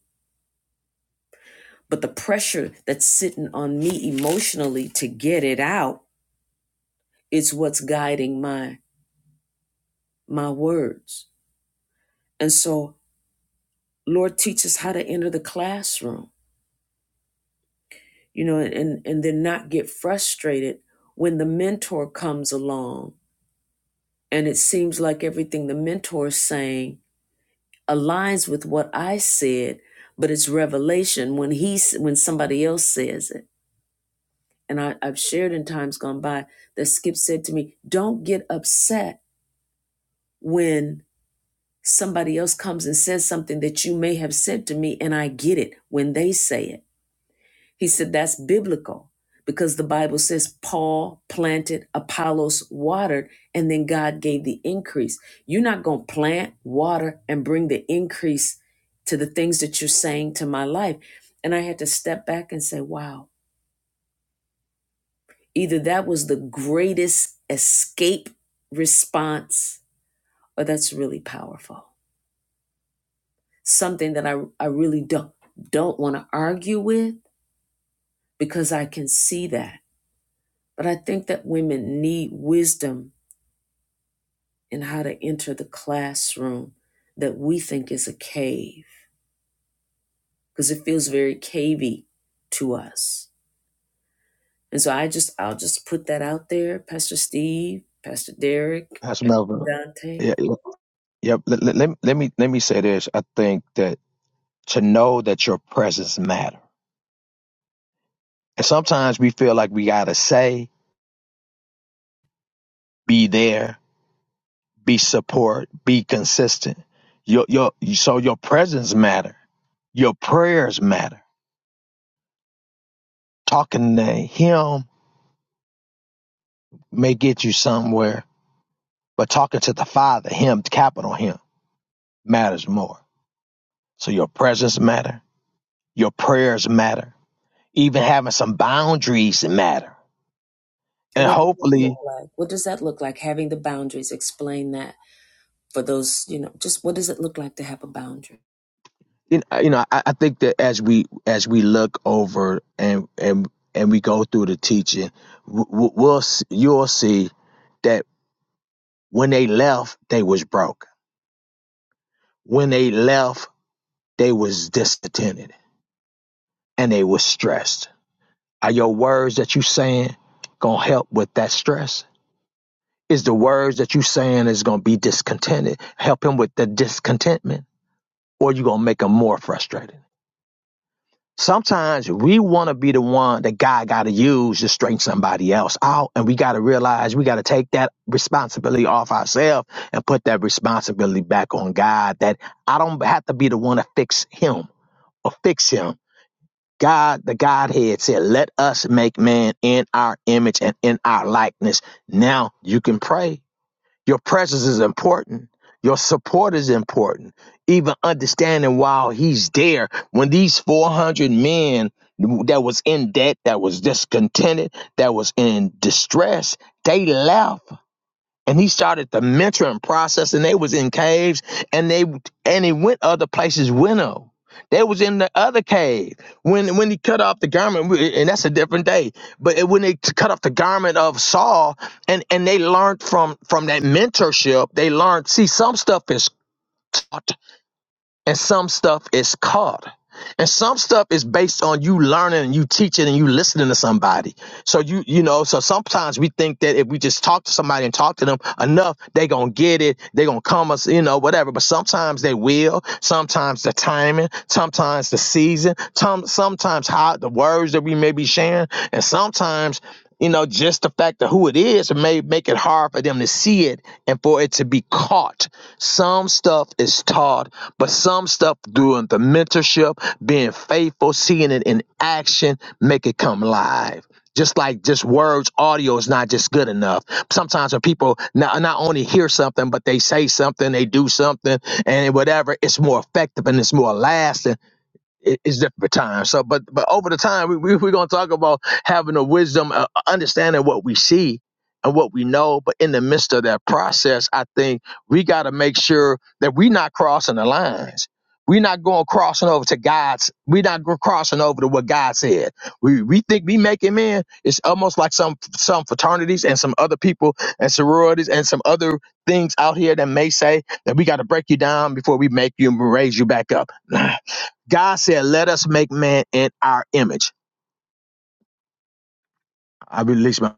S1: but the pressure that's sitting on me emotionally to get it out It's what's guiding my my words. And so, Lord, teach us how to enter the classroom, you know, and and then not get frustrated when the mentor comes along and it seems like everything the mentor is saying aligns with what I said, but it's revelation when he when somebody else says it. And I, I've shared in times gone by that Skip said to me, "Don't get upset." when somebody else comes and says something that you may have said to me and I get it when they say it. He said that's biblical because the Bible says Paul planted, Apollos watered, and then God gave the increase. You're not going to plant, water, and bring the increase to the things that you're saying to my life. And I had to step back and say, wow, either that was the greatest escape response or that's really powerful. something that I, I really don't don't want to argue with because I can see that. But I think that women need wisdom in how to enter the classroom that we think is a cave because it feels very cavey to us. And so I just I'll just put that out there, Pastor Steve, Pastor Derek,
S5: Pastor Melvin.
S1: Dante.
S5: Yeah, yeah. yeah, Let, let, let, me let me let me say this. I think that to know that your presence matters, And sometimes we feel like we gotta say, be there, be support, be consistent. Your your so your presence matter. Your prayers matter. Talking to him may get you somewhere, but talking to the Father, him, capital him, matters more. So your presence matter. Your prayers matter. Even having some boundaries matter. And
S1: What does that look
S5: hopefully,
S1: like? What does that look like? Having the boundaries, explain that. for those, you know, just what does it look like to have a boundary?
S5: you know, you know, I, I think that as we as we look over and and and we go through the teaching, w- w- we'll you'll see that. When they left, they was broke. When they left, they was discontented and they was stressed. Are your words that you saying gonna help with that stress? Is the words that you saying is gonna be discontented help him with the discontentment, or you gonna make him more frustrated? Sometimes we want to be the one that God got to use to straighten somebody else out. And we got to realize we got to take that responsibility off ourselves and put that responsibility back on God that I don't have to be the one to fix him or fix him. God, the Godhead said, let us make man in our image and in our likeness. Now you can pray your presence is important. Your support is important. Even understanding while he's there, when these 400 men that was in debt, that was discontented, that was in distress, they left and he started the mentoring process and they was in caves and they and he went other places with him they was in the other cave when when he cut off the garment and that's a different day but it- when they t- cut off the garment of saul and and they learned from from that mentorship they learned see some stuff is taught and some stuff is caught and some stuff is based on you learning and you teaching and you listening to somebody so you you know, so sometimes we think that if we just talk to somebody and talk to them enough, they gonna get it, they gonna come us, you know, whatever. But sometimes they will, sometimes the timing, sometimes the season, some sometimes how the words that we may be sharing, and sometimes you know, just the fact of who it is may make it hard for them to see it and for it to be caught. Some stuff is taught, but some stuff doing the mentorship, being faithful, seeing it in action, make it come live just like just words audio is not just good enough sometimes when people not, not only hear something but they say something they do something and whatever it's more effective and it's more lasting it- it's different times. So, but but over the time, we, we, we're going to talk about having a wisdom, uh, understanding what we see and what we know. But in the midst of that process, I think we got to make sure that we're not crossing the lines. We're not going crossing over to God's. We're not go- crossing over to what God said. We we think we make him in. It's almost like some some fraternities and some other people and sororities and some other things out here that may say that we got to break you down before we make you and raise you back up. God said, Let us make man in our image. I release my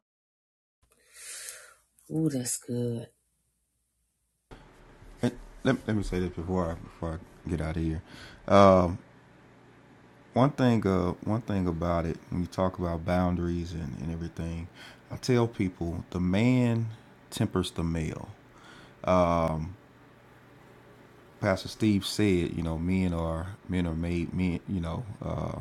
S1: Ooh, that's good.
S8: And let, let me say this before I, before I get out of here. Um, one thing, uh, one thing about it when you talk about boundaries and, and everything, I tell people the man tempers the male. Pastor Steve said, you know, men are men are made men. You know, uh,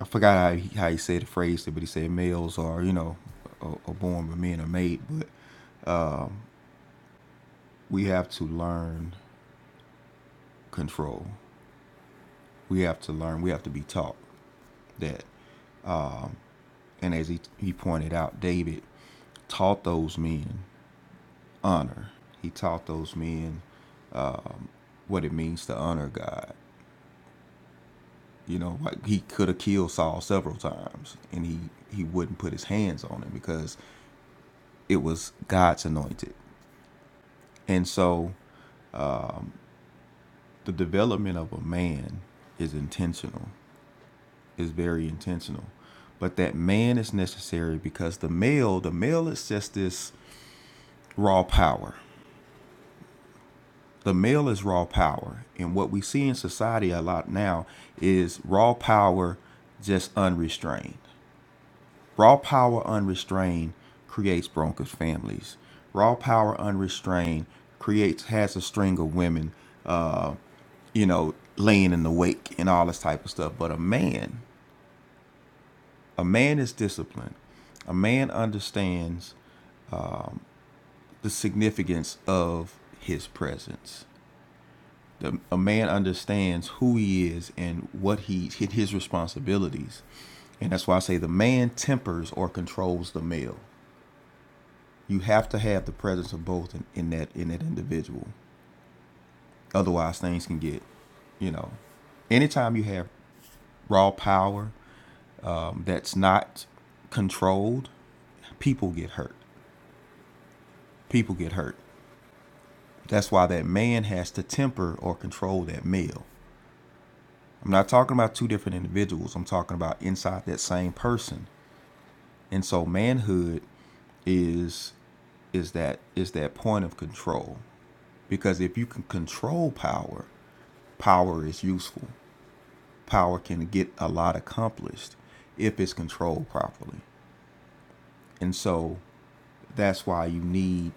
S8: I forgot how he, how he said the phrase, but he said males are you know are, are born, but men are made. But we have to learn control. We have to learn. We have to be taught that. And as he he pointed out, David taught those men honor. He taught those men what it means to honor God. You know, like he could have killed Saul several times, and he he wouldn't put his hands on him because it was God's anointed. And so the development of a man is intentional, is very intentional. But that man is necessary because the male, the male is just this raw power. The male is raw power. And what we see in society a lot now is raw power just unrestrained. Raw power unrestrained creates broken families. Raw power unrestrained creates has a string of women uh, you know, laying in the wake and all this type of stuff. But a man, a man is disciplined. A man understands the significance of his presence. The, a man understands who he is and what he his responsibilities. And that's why I say the man tempers or controls the male. You have to have the presence of both in, in that in that individual. Otherwise things can get, you know, anytime you have raw power that's not controlled, people get hurt. People get hurt. That's why that man has to temper or control that male. I'm not talking about two different individuals. I'm talking about inside that same person. And so manhood is is that is that point of control. Because if you can control power, power is useful. Power can get a lot accomplished if it's controlled properly. And so that's why you need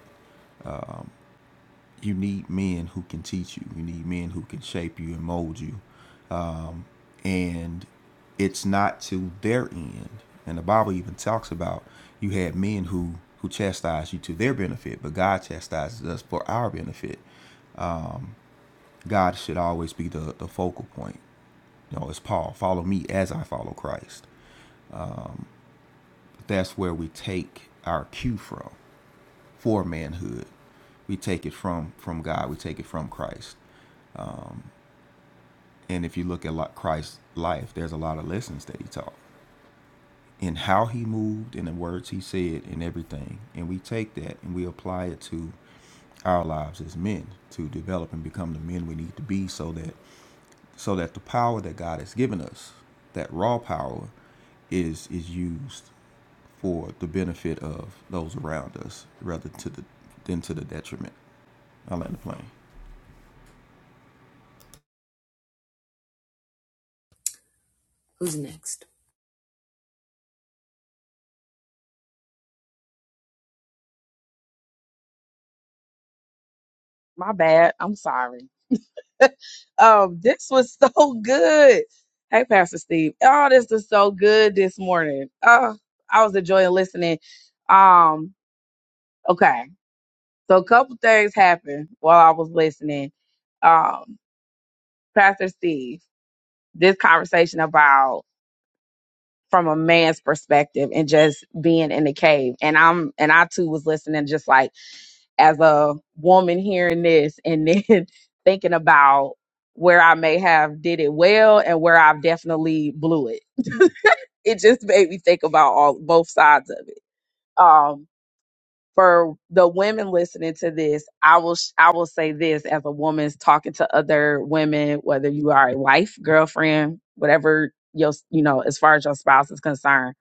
S8: you need men who can teach you. You need men who can shape you and mold you. And it's not to their end. And the Bible even talks about you had men who who chastise you to their benefit, but God chastises us for our benefit. God should always be the, the focal point. You know, it's Paul, follow me as I follow Christ. That's where we take our cue from for manhood. We take it from from God, we take it from Christ. And if you look at like Christ's life, there's a lot of lessons that he taught in how he moved and the words he said and everything. And we take that and we apply it to our lives as men to develop and become the men we need to be so that so that the power that God has given us, that raw power, is is used for the benefit of those around us rather to the than to the detriment. I land the plane.
S1: Who's next?
S9: My bad. I'm sorry. Um, this was so good. Hey, Pastor Steve. Oh, this was so good this morning. Oh, I was enjoying listening. Um, okay. So a couple things happened while I was listening. Um, Pastor Steve, this conversation about from a man's perspective and just being in the cave. And I'm and I too was listening just like as a woman hearing this and then thinking about where I may have did it well and where I've definitely blew it. It just made me think about all both sides of it. Um, for the women listening to this, I will sh- I will say this as a woman's talking to other women, whether you are a wife, girlfriend, whatever your s- you know as far as your spouse is concerned.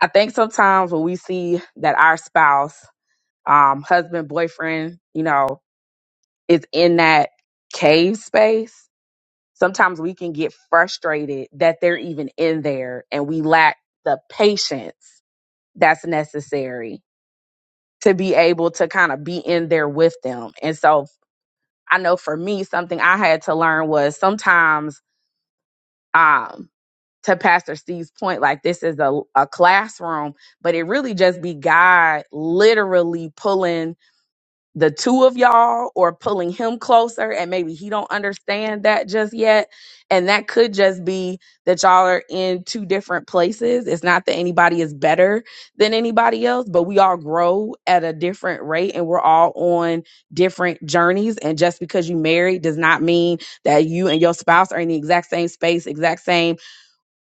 S9: I think sometimes when we see that our spouse, um, husband, boyfriend, you know, is in that cave space, sometimes we can get frustrated that they're even in there and we lack the patience that's necessary to be able to kind of be in there with them. And so I know for me, something I had to learn was sometimes, um, to Pastor Steve's point, like this is a, a classroom, but it really just be God literally pulling the two of y'all or pulling him closer and maybe he don't understand that just yet and that could just be that y'all are in two different places it's not that anybody is better than anybody else but we all grow at a different rate and we're all on different journeys and just because you married does not mean that you and your spouse are in the exact same space exact same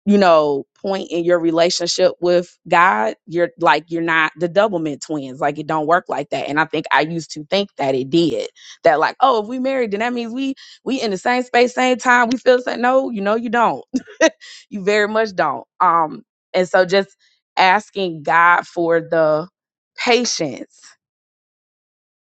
S9: you know, point in your relationship with God, you're like you're not the doublemint twins. Like it don't work like that. And I think I used to think that it did. That like, oh, if we married, then that means we we in the same space, same time, we feel the same. No, you know you don't. you very much don't. Um, and so just asking God for the patience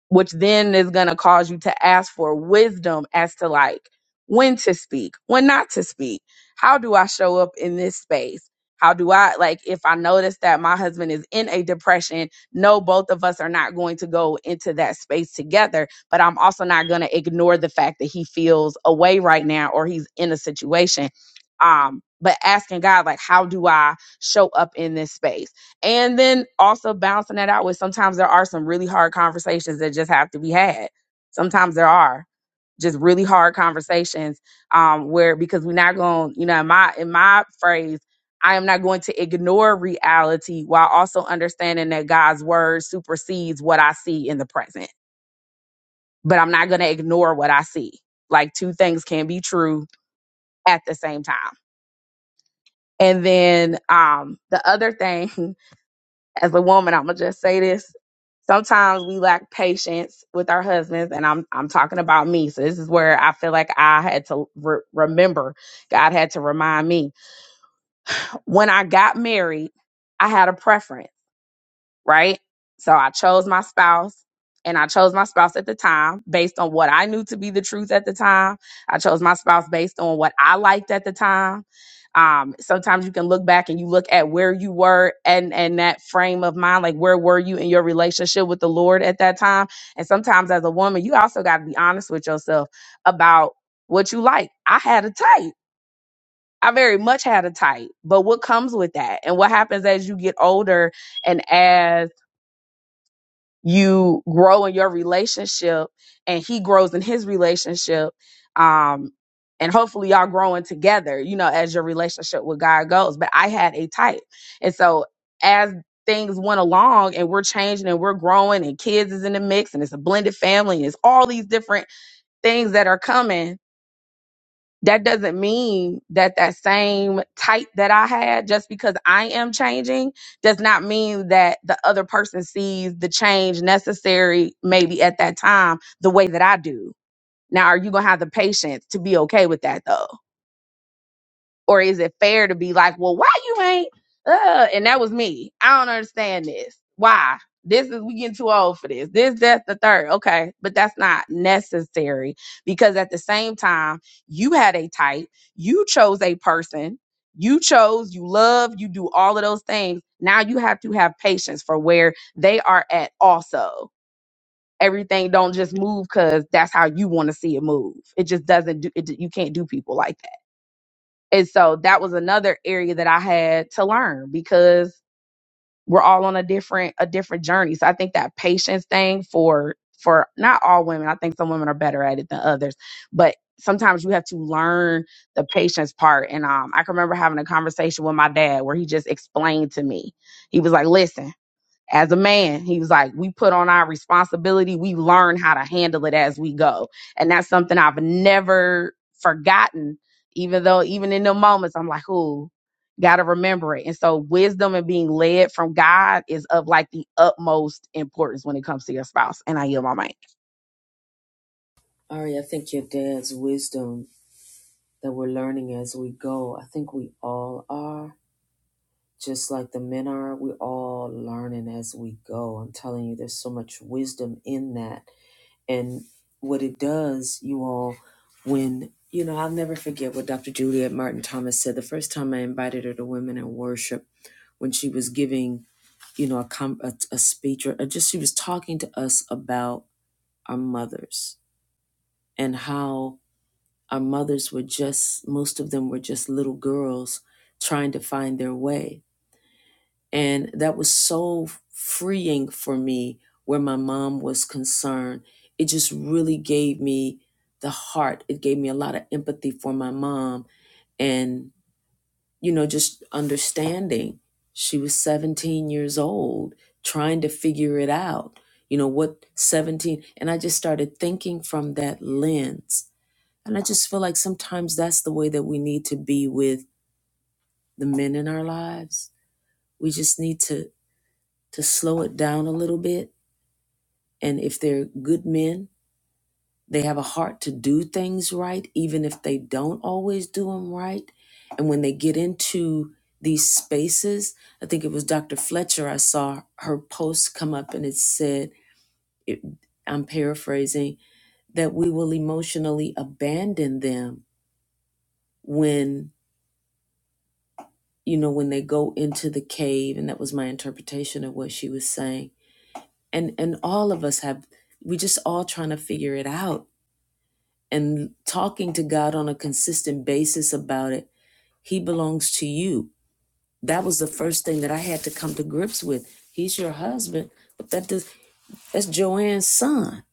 S9: which then is going to cause you to ask for wisdom as to like when to speak, when not to speak. How do I show up in this space? How do I like if I notice that my husband is in a depression? No, both of us are not going to go into that space together, but I'm also not going to ignore the fact that he feels away right now or he's in a situation. Um, but asking God, like, how do I show up in this space? and then also balancing that out with sometimes there are some really hard conversations that just have to be had sometimes there are just really hard conversations um where because we're not going you know in my in my phrase i am not going to ignore reality while also understanding that god's word supersedes what i see in the present but i'm not going to ignore what i see like two things can be true at the same time and then um the other thing as a woman, I'm gonna just say this. Sometimes we lack patience with our husbands, and I'm I'm talking about me. So this is where I feel like I had to re- remember. God had to remind me when I got married. I had a preference right? So I chose my spouse and I chose my spouse at the time based on what I knew to be the truth at the time. I chose my spouse based on what I liked at the time. Um, sometimes you can look back and you look at where you were and and that frame of mind, like where were you in your relationship with the Lord at that time? And sometimes as a woman, you also got to be honest with yourself about what you like. I had a type. I very much had a type, but what comes with that? And what happens as you get older and as you grow in your relationship and he grows in his relationship um and hopefully y'all growing together you know as your relationship with god goes but i had a type and so as things went along and we're changing and we're growing and kids is in the mix and it's a blended family and it's all these different things that are coming that doesn't mean that that same type that I had just because I am changing does not mean that the other person sees the change necessary maybe at that time the way that I do. Now, are you going to have the patience to be okay with that though? Or is it fair to be like, well, why you ain't? Uh, and that was me. I don't understand this. Why? This is we getting too old for this. This, that's the third. Okay, but that's not necessary because at the same time, you had a type, you chose a person, you chose, you love, you do all of those things. Now you have to have patience for where they are at also everything don't just move because that's how you want to see it move. It just doesn't do it. You can't do people like that. And so that was another area that I had to learn because we're all on a different a different journey. So I think that patience thing for for not all women, I think some women are better at it than others, but sometimes you have to learn the patience part. And um, I can remember having a conversation with my dad where he just explained to me. He was like, "Listen." as a man he was like we put on our responsibility we learn how to handle it as we go and that's something i've never forgotten even though even in the moments i'm like ooh gotta remember it and so wisdom and being led from god is of like the utmost importance when it comes to your spouse and i yield my
S1: Ari, I think your dad's wisdom that we're learning as we go, I think we all are. Just like the men are, we're all learning as we go. I'm telling you, there's so much wisdom in that. And what it does, you all, when, you know, I'll never forget what Dr. Juliet Martin Thomas said the first time I invited her to Women in Worship when she was giving, you know, a, com- a, a speech or or just she was talking to us about our mothers and how our mothers were just, most of them were just little girls trying to find their way And that was so freeing for me where my mom was concerned. It just really gave me the heart. It gave me a lot of empathy for my mom and, you know, just understanding. She was 17 years old, trying to figure it out. You know, what 17? And I just started thinking from that lens. And I just feel like sometimes that's the way that we need to be with the men in our lives. We just need to to slow it down a little bit. And if they're good men, they have a heart to do things right, even if they don't always do them right. And when they get into these spaces, I think it was Dr. Fletcher, I saw her post come up and it said, it, I'm paraphrasing, that we will emotionally abandon them when, you know, when they go into the cave. And that was my interpretation of what she was saying. And, and all of us have, we just all trying to figure it out and talking to God on a consistent basis about it. He belongs to you. That was the first thing that I had to come to grips with. He's your husband, but that does, that's Joanne's son.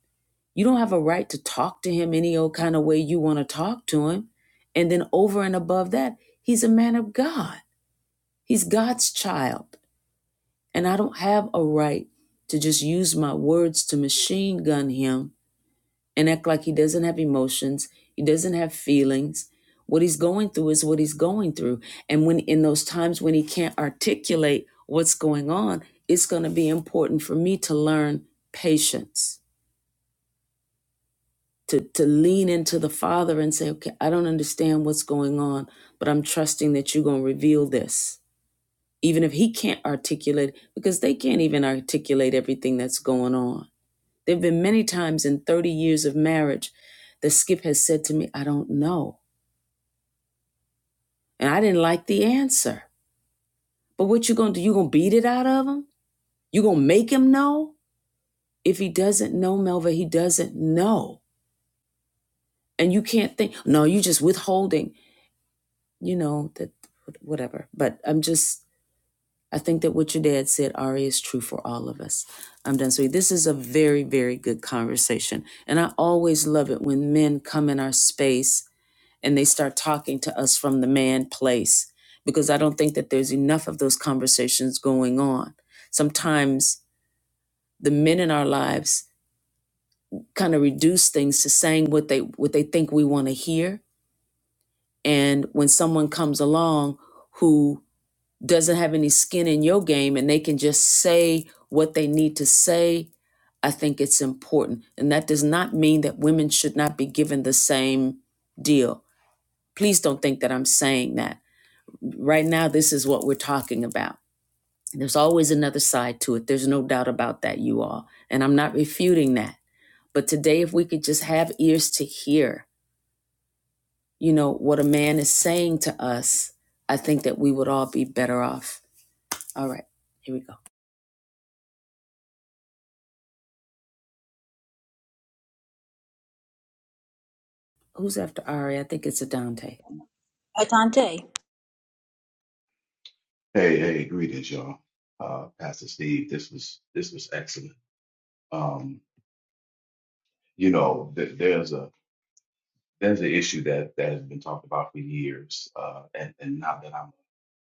S1: You don't have a right to talk to him any old kind of way you want to talk to him. And then over and above that, he's a man of God. He's God's child. And I don't have a right to just use my words to machine gun him and act like he doesn't have emotions, he doesn't have feelings. What he's going through is what he's going through. And when in those times when he can't articulate what's going on, it's going to be important for me to learn patience, to, to lean into the Father and say, okay, I don't understand what's going on, but I'm trusting that you're going to reveal this. Even if he can't articulate, because they can't even articulate everything that's going on there have been many times in 30 years of marriage that Skip has said to me, I don't know. And I didn't like the answer. But what you gonna do? You gonna beat it out of him? You gonna make him know? If he doesn't know, Melva, he doesn't know. And you can't think, no, you just withholding, you know, that whatever. But I'm just I think that what your dad said, Ari, is true for all of us. I'm done. So this is a very, very good conversation. And I always love it when men come in our space and they start talking to us from the man place because I don't think that there's enough of those conversations going on. Sometimes the men in our lives kind of reduce things to saying what they what they think we want to hear and when someone comes along who doesn't have any skin in your game and they can just say what they need to say I think it's important. And that does not mean that women should not be given the same deal. Please don't think that I'm saying that. right now this is what we're talking about there's always another side to it there's no doubt about that you all and i'm not refuting that but today if we could just have ears to hear you know what a man is saying to us i think that we would all be better off all right here we go who's after ari i think it's adante
S6: Atante.
S10: Hey, hey, greetings, y'all. Uh, Pastor Steve, this was this was excellent. Um, you know, th there's a there's an issue that that has been talked about for years, uh, and and not that I'm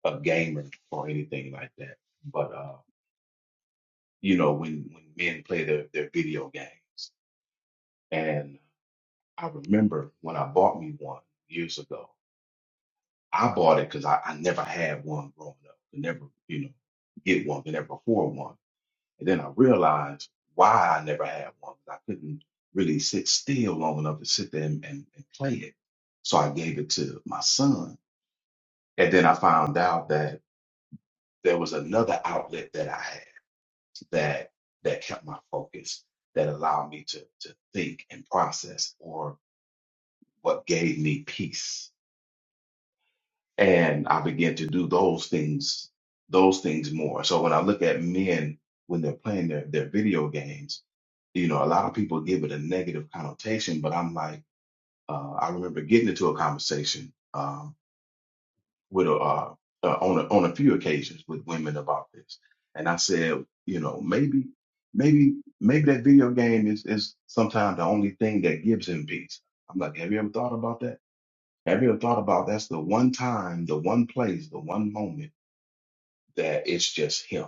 S10: a gamer or anything like that, but uh, you know, when when men play their their video games, and I remember when I bought me one years ago. I bought it because I, I never had one growing up. Could never, you know, get one. Could never afford one. And then I realized why I never had one. I couldn't really sit still long enough to sit there and, and, and play it. So I gave it to my son. And then I found out that there was another outlet that I had that that kept my focus, that allowed me to to think and process or what gave me peace and I began to do those things, those things more. So when I look at men when they're playing their, their video games, you know, a lot of people give it a negative connotation, but I'm like, uh, I remember getting into a conversation um, with a, uh, uh, on a, on a few occasions with women about this, and I said, you know, maybe, maybe, maybe that video game is is sometimes the only thing that gives him peace. I'm like, have you ever thought about that? Have you ever thought about that's the one time, the one place, the one moment that it's just him?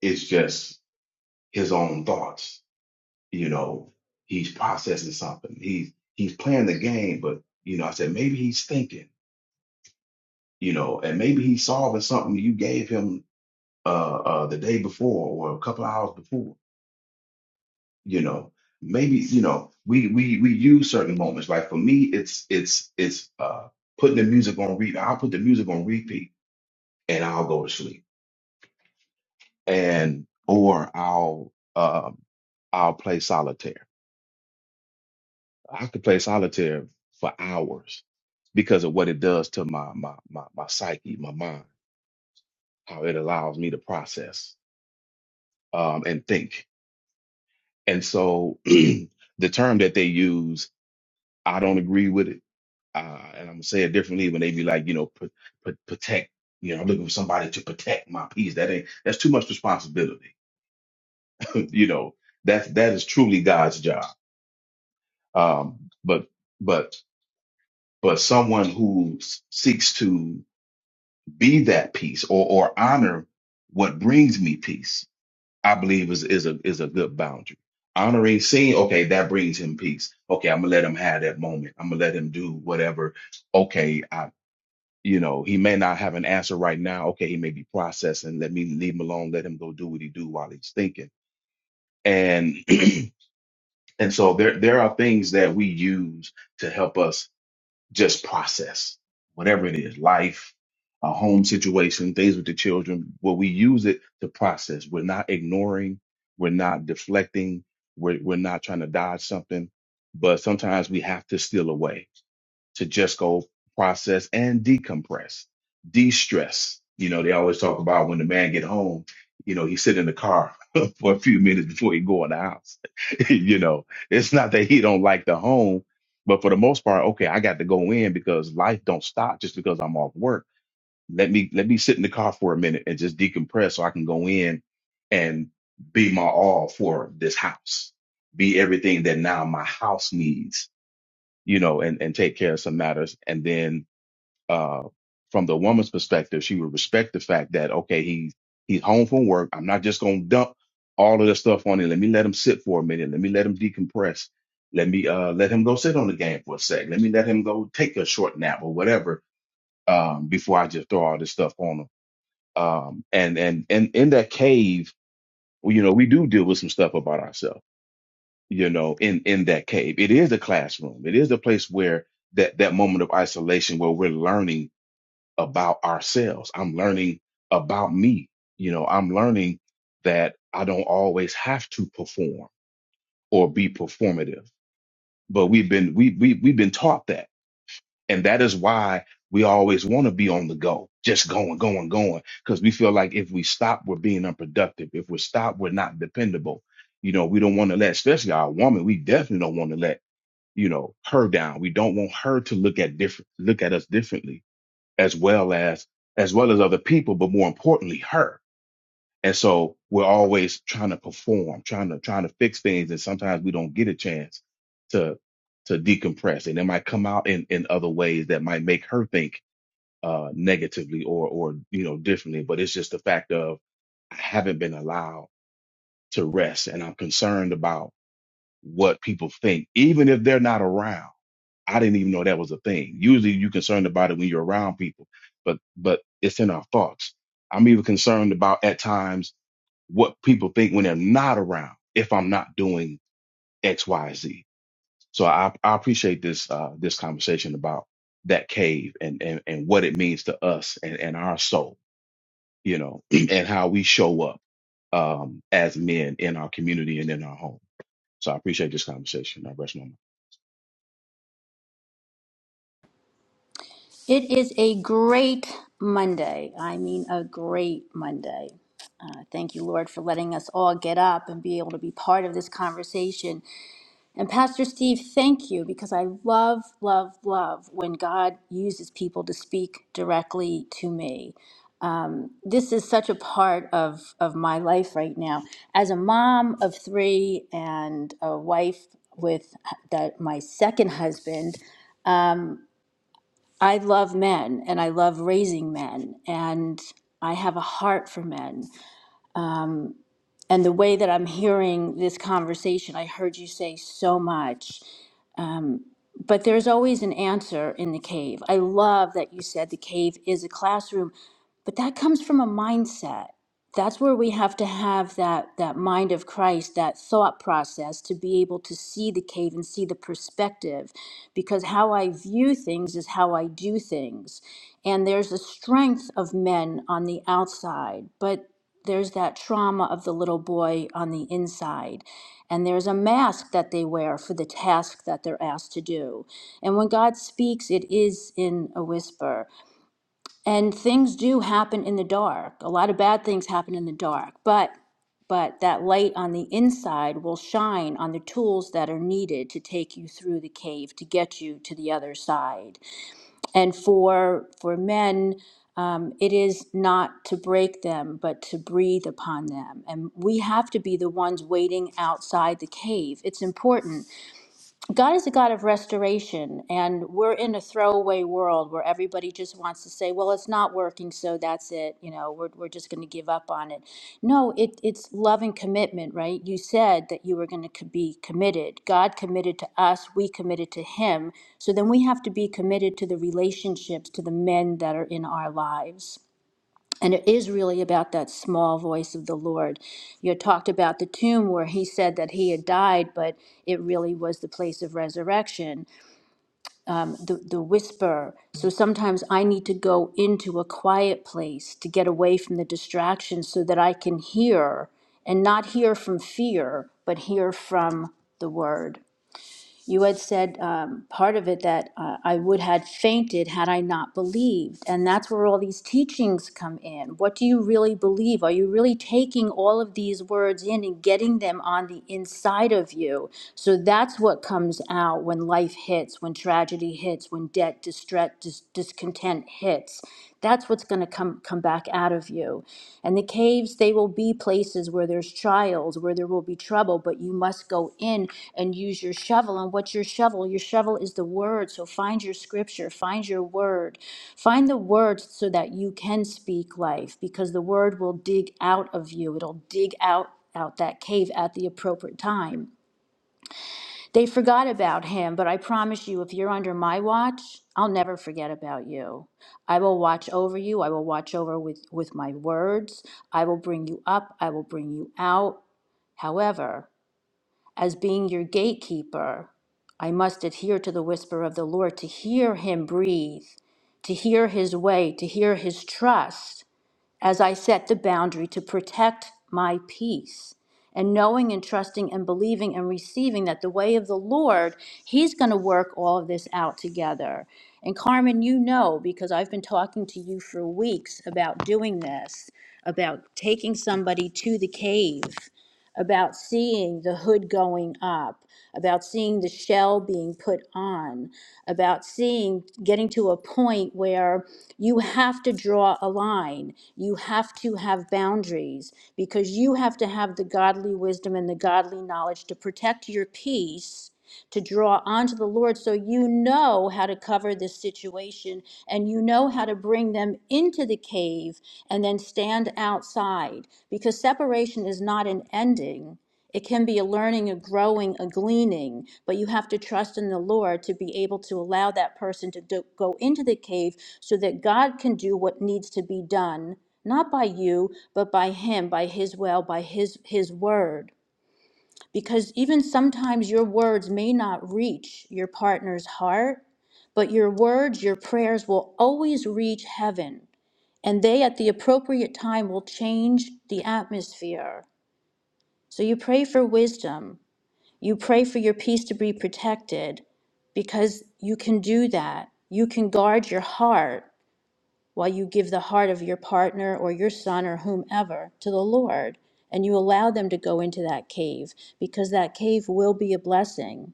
S10: It's just his own thoughts. You know, he's processing something. He's he's playing the game, but you know, I said maybe he's thinking. You know, and maybe he's solving something you gave him uh, uh, the day before or a couple of hours before. You know, maybe you know we we we use certain moments. Like for me, it's it's it's uh, putting the music on repeat. I'll put the music on repeat and I'll go to sleep and or I'll um, I'll play solitaire. I could play solitaire for hours because of what it does to my my my, my psyche, my mind, how it allows me to process um, and think. And so the term that they use, I don't agree with it. Uh, and I'm gonna say it differently when they be like, you know, put, put, protect. You know, I'm looking for somebody to protect my peace. That ain't that's too much responsibility. you know, that's that is truly God's job Um, but but but someone who s- seeks to be that peace or or honor what brings me peace, I believe is is a is a good boundary. Honoring, seeing, okay, that brings him peace. Okay, I'm gonna let him have that moment. I'm gonna let him do whatever. Okay, I you know he may not have an answer right now. Okay, he may be processing. Let me leave him alone. Let him go do what he do while he's thinking. And and so there there are things that we use to help us just process whatever it is life our home situation things with the children where we use it to process we're not ignoring we're not deflecting we're, we're not trying to dodge something but sometimes we have to steal away to just go process and decompress, de-stress. You know, they always talk about when the man get home, you know, he sit in the car for a few minutes before he go in the house. you know, it's not that he don't like the home, but for the most part, okay, I got to go in because life don't stop just because I'm off work. Let me let me sit in the car for a minute and just decompress so I can go in and be my all for this house, be everything that now my house needs you know, and, and take care of some matters. And then, uh, from the woman's perspective, she would respect the fact that, okay, he's, he's home from work. I'm not just going to dump all of this stuff on him. Let me let him sit for a minute. Let me let him decompress. Let me, uh, let him go sit on the game for a sec. Let me let him go take a short nap or whatever, um, before I just throw all this stuff on him. Um, and, and, and in that cave, well, you know, we do deal with some stuff about ourselves you know, in in that cave. It is a classroom. It is a place where that that moment of isolation where we're learning about ourselves. I'm learning about me. You know, I'm learning that I don't always have to perform or be performative. But we've been we we we've been taught that. And that is why we always want to be on the go, just going, going, going, because we feel like if we stop, we're being unproductive. If we stop, we're not dependable. You know, we don't want to let, especially our woman, we definitely don't want to let you know her down we don't want her to look at different look at us differently as well as as well as other people but more importantly her and so we're always trying to perform trying to trying to fix things and sometimes we don't get a chance to to decompress and it might come out in in other ways that might make her think uh negatively or or you know differently but it's just the fact of i haven't been allowed to rest and i'm concerned about what people think even if they're not around I didn't even know that was a thing. Usually you're concerned about it when you're around people, but but it's in our thoughts. I'm even concerned about at times what people think when they're not around if I'm not doing X, Y, Z. So I, I appreciate this uh, this conversation about that cave and, and and what it means to us and, and our soul, you know, and how we show up um, as men in our community and in our home. So I appreciate this conversation. I rest my mic.
S6: It is a great Monday. I mean, a great Monday. Uh, thank you, Lord, for letting us all get up and be able to be part of this conversation. And Pastor Steve, thank you because I love, love, love when God uses people to speak directly to me. this is such a part of of my life right now as a mom of three and a wife with that my second husband um, i love men and i love raising men and i have a heart for men um, and the way that i'm hearing this conversation i heard you say so much um, But there's always an answer in the cave. I love that you said the cave is a classroom, but that comes from a mindset. That's where we have to have that that mind of Christ, that thought process to be able to see the cave and see the perspective because how I view things is how I do things. And there's a strength of men on the outside, but there's that trauma of the little boy on the inside. And there's a mask that they wear for the task that they're asked to do. And when God speaks, it is in a whisper. And things do happen in the dark. A lot of bad things happen in the dark. But but that light on the inside will shine on the tools that are needed to take you through the cave to get you to the other side. And for for men, um, it is not to break them, but to breathe upon them. And we have to be the ones waiting outside the cave. It's important God is a God of restoration, and we're in a throwaway world where everybody just wants to say, "Well, it's not working, so that's it." You know, we're we're just going to give up on it. No, it it's love and commitment, right? You said that you were going to co- be committed. God committed to us; we committed to Him. So then we have to be committed to the relationships, to the men that are in our lives. And it is really about that small voice of the Lord. You had talked about the tomb where he said that he had died, but it really was the place of resurrection, the, the whisper. So sometimes I need to go into a quiet place to get away from the distractions so that I can hear and not hear from fear, but hear from the word. You had said um, part of it that uh, I would had fainted had I not believed, and that's where all these teachings come in. What do you really believe? Are you really taking all of these words in and getting them on the inside of you? So that's what comes out when life hits, when tragedy hits, when debt, distress, dis- discontent hits. That's what's going to come come back out of you. And the caves, they will be places where there's trials, where there will be trouble, but you must go in and use your shovel. And what's your shovel? Your shovel is the word. So find your scripture, find your word. Find the word so that you can speak life because the word will dig out of you. It'll dig out out that cave at the appropriate time. They forgot about him, but I promise you, if you're under my watch, I'll never forget about you. I will watch over you. I will watch over with, with my words. I will bring you up. I will bring you out. However, as being your gatekeeper, I must adhere to the whisper of the Lord to hear him breathe, to hear his way, to hear his trust as I set the boundary to protect my peace. And knowing and trusting and believing and receiving that the way of the Lord, He's going to work all of this out together. And Carmen, you know, because I've been talking to you for weeks about doing this, about taking somebody to the cave about seeing the hood going up, about seeing the shell being put on, about seeing getting to a point where you have to draw a line. You have to have boundaries because you have to have the godly wisdom and the godly knowledge to protect your peace to draw onto the Lord so you know how to cover this situation and you know how to bring them into the cave and then stand outside because separation is not an ending. It can be a learning, a growing, a gleaning, but you have to trust in the Lord to be able to allow that person to do, go into the cave so that God can do what needs to be done, not by you, but by Him, by His will, by His His word. Because even sometimes your words may not reach your partner's heart, but your words, your prayers will always reach heaven. And they, at the appropriate time, will change the atmosphere. So you pray for wisdom. You pray for your peace to be protected because you can do that. You can guard your heart while you give the heart of your partner or your son or whomever to the Lord and you allow them to go into that cave because that cave will be a blessing.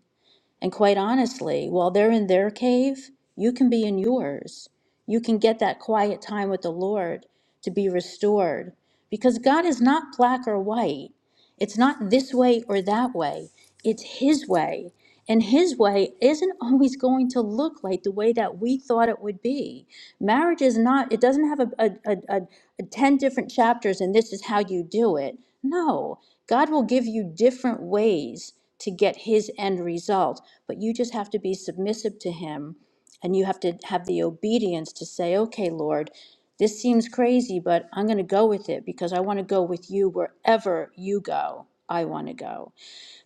S6: And quite honestly, while they're in their cave, you can be in yours. You can get that quiet time with the Lord to be restored because God is not black or white. It's not this way or that way, it's His way. And His way isn't always going to look like the way that we thought it would be. Marriage is not, it doesn't have a, a, a, a, a 10 different chapters and this is how you do it. No, God will give you different ways to get His end result, but you just have to be submissive to Him and you have to have the obedience to say, okay, Lord, this seems crazy, but I'm going to go with it because I want to go with you wherever you go. I want to go.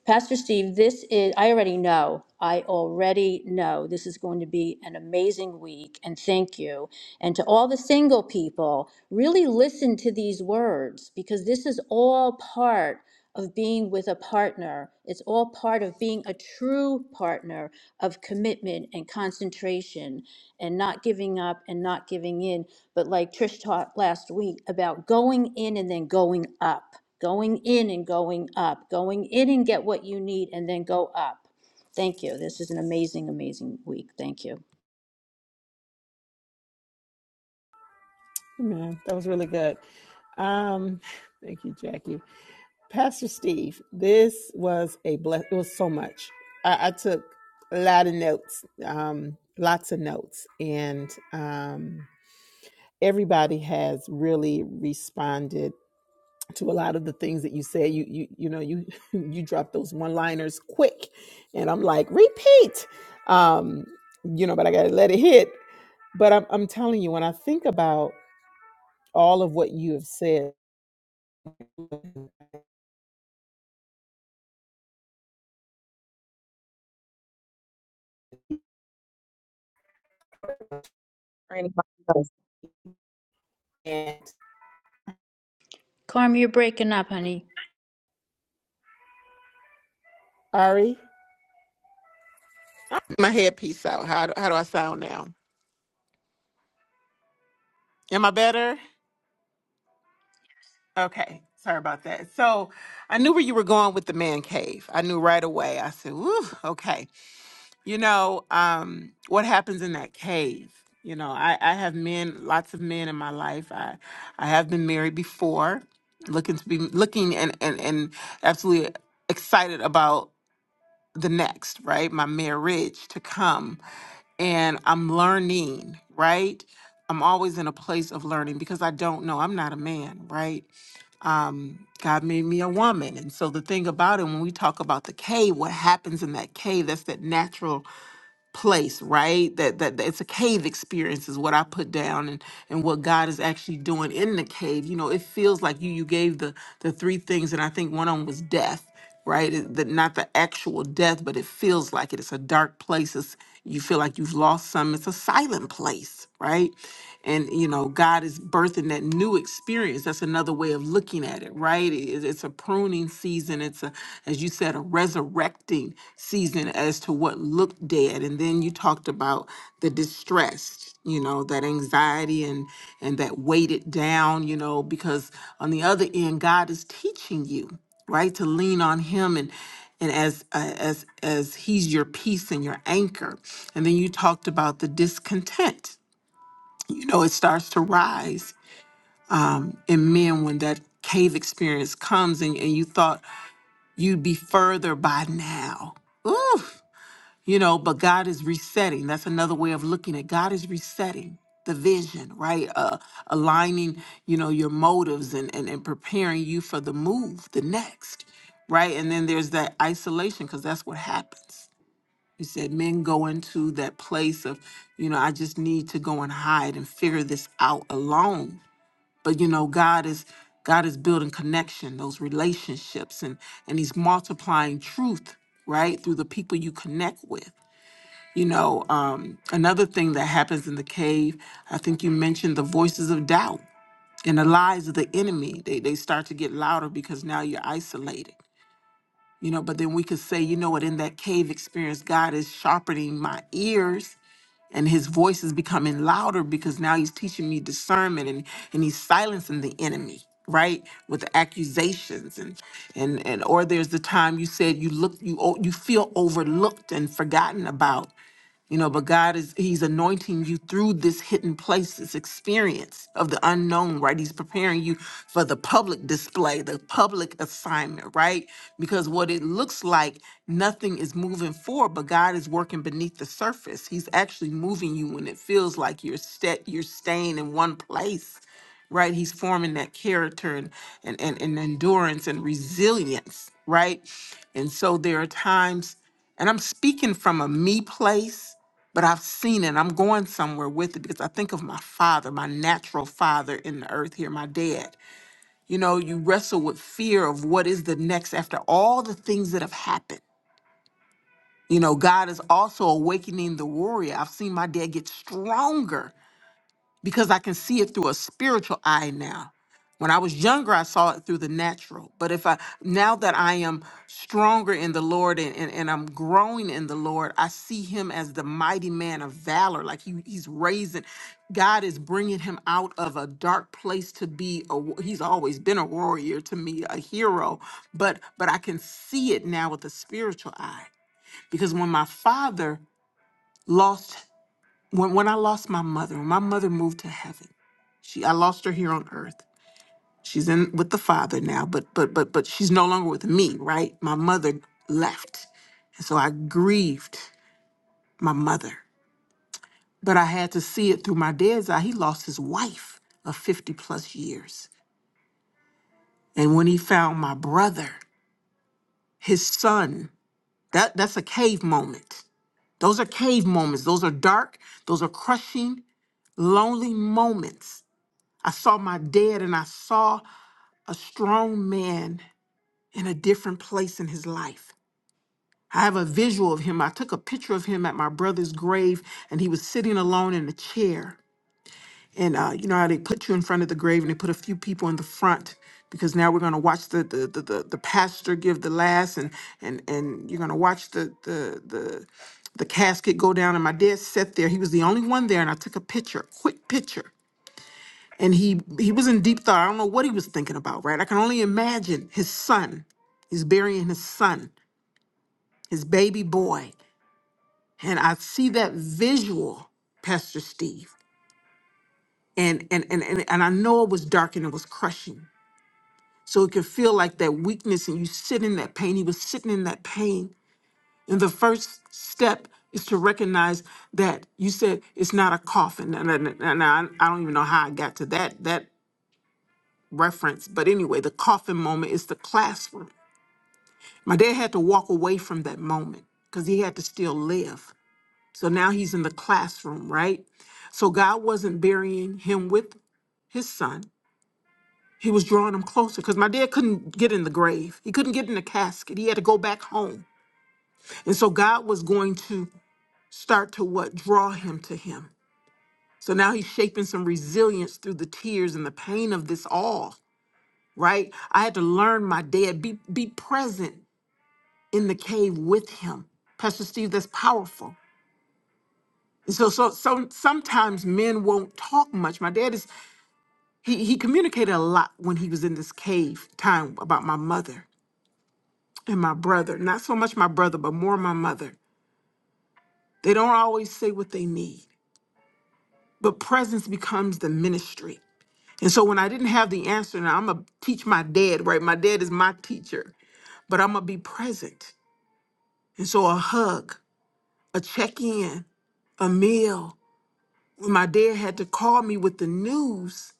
S6: Pastor Steve, this is, I already know, I already know this is going to be an amazing week, and thank you. And to all the single people, really listen to these words because this is all part of being with a partner. It's all part of being a true partner of commitment and concentration and not giving up and not giving in. But like Trish taught last week about going in and then going up going in and going up, going in and get what you need and then go up. Thank you. This is an amazing, amazing week. Thank you.
S3: Man, that was really good. Um, thank you, Jackie. Pastor Steve, this was a bless. It was so much. I, I took a lot of notes, um, lots of notes, and um, everybody has really responded to a lot of the things that you said. You you you know you you dropped those one liners quick, and I'm like repeat. Um, you know, but I gotta let it hit. But I'm, I'm telling you, when I think about all of what you have said.
S9: mic
S3: And
S6: Carm, you're breaking up, honey.
S3: Ari, my headpiece out. How do, how do I sound now? Am I better? Okay. Sorry about that. So I knew where you were going with the man cave. I knew right away. I said, "Ooh, okay. you know um what happens in that cave you know i i have men lots of men in my life i i have been married before looking to be looking and and, and absolutely excited about the next right my marriage to come and i'm learning right i'm always in a place of learning because i don't know i'm not a man right um, God made me a woman. And so the thing about it, when we talk about the cave, what happens in that cave, that's that natural place right that, that that it's a cave experience is what i put down and and what god is actually doing in the cave you know it feels like you you gave the the three things and i think one of them was death right It- the, not the actual death but it feels like it it's a dark place It's you feel like you've lost some it's a silent place right and you know god is birthing that new experience that's another way of looking at it right It- it's a pruning season it's a as you said a resurrecting season as to what looked dead and then you talked about the distress you know that anxiety and and that weighted down you know because on the other end god is teaching you right to lean on him and and as uh, as as he's your peace and your anchor and then you talked about the discontent you know it starts to rise um, in men when that cave experience comes and, and you thought you'd be further by now Oof. you know but god is resetting that's another way of looking at god is resetting the vision right uh aligning you know your motives and and, and preparing you for the move the next right and then there's that isolation because that's what happens you said men go into that place of, you know, I just need to go and hide and figure this out alone. But you know, God is God is building connection, those relationships, and and He's multiplying truth, right, through the people you connect with. You know, um, another thing that happens in the cave, I think you mentioned the voices of doubt and the lies of the enemy. They they start to get louder because now you're isolated you know but then we could say you know what in that cave experience god is sharpening my ears and his voice is becoming louder because now he's teaching me discernment and, and he's silencing the enemy right with the accusations and and and or there's the time you said you look you o- you feel overlooked and forgotten about you know, but God is, He's anointing you through this hidden place, this experience of the unknown, right? He's preparing you for the public display, the public assignment, right? Because what it looks like, nothing is moving forward, but God is working beneath the surface. He's actually moving you when it feels like you're, sta you're staying in one place, right? He's forming that character and, and, and, and endurance and resilience, right? And so there are times, and I'm speaking from a me place but I've seen it. I'm going somewhere with it because I think of my father, my natural father in the earth here, my dad. You know, you wrestle with fear of what is the next after all the things that have happened. You know, God is also awakening the warrior. I've seen my dad get stronger because I can see it through a spiritual eye now. When I was younger, I saw it through the natural. But if I now that I am stronger in the Lord and, and, and I'm growing in the Lord, I see him as the mighty man of valor. Like he, he's raising, God is bringing him out of a dark place to be. A, wa- he's always been a warrior to me, a hero. But but I can see it now with a spiritual eye because when my father lost when when I lost my mother, when my mother moved to heaven, she I lost her here on earth. She's in with the father now, but but but but she's no longer with me, right? My mother left. And so I grieved my mother. But I had to see it through my dad's eye. He lost his wife of 50 plus years. And when he found my brother, his son, that, that's a cave moment. Those are cave moments. Those are dark, those are crushing, lonely moments I saw my dad and I saw a strong man in a different place in his life. I have a visual of him. I took a picture of him at my brother's grave, and he was sitting alone in a chair. And uh, you know how they put you in front of the grave and they put a few people in the front because now we're going to watch the the, the the the pastor give the last and and and you're going to watch the the the the casket go down and my dad sat there he was the only one there and i took a picture quick picture and he he was in deep thought. I don't know what he was thinking about, right? I can only imagine his son. He's burying his son, his baby boy, and I see that visual, Pastor Steve, and and and and, and I know it was dark and it was crushing. So it could feel like that weakness, and you sit in that pain. He was sitting in that pain, and the first step is to recognize that you said it's not a coffin, and, and, and I, I don't even know how I got to that that reference, but anyway, the coffin moment is the classroom. My dad had to walk away from that moment because he had to still live. So now he's in the classroom, right? So God wasn't burying him with his son. He was drawing him closer because my dad couldn't get in the grave. He couldn't get in the casket. He had to go back home. And so God was going to start to what? Draw him to him. So now he's shaping some resilience through the tears and the pain of this all. right? I had to learn my dad, be be present in the cave with him. Pastor Steve, that's powerful. And so so so sometimes men won't talk much. My dad is he he communicated a lot when he was in this cave time about my mother and my brother. Not so much my brother, but more my mother. They don't always say what they need. But presence becomes the ministry. And so when I didn't have the answer, now I'm gonna teach my dad, right? My dad is my teacher, but I'm gonna be present. And so a hug, a check in, a meal. When my dad had to call me with the news,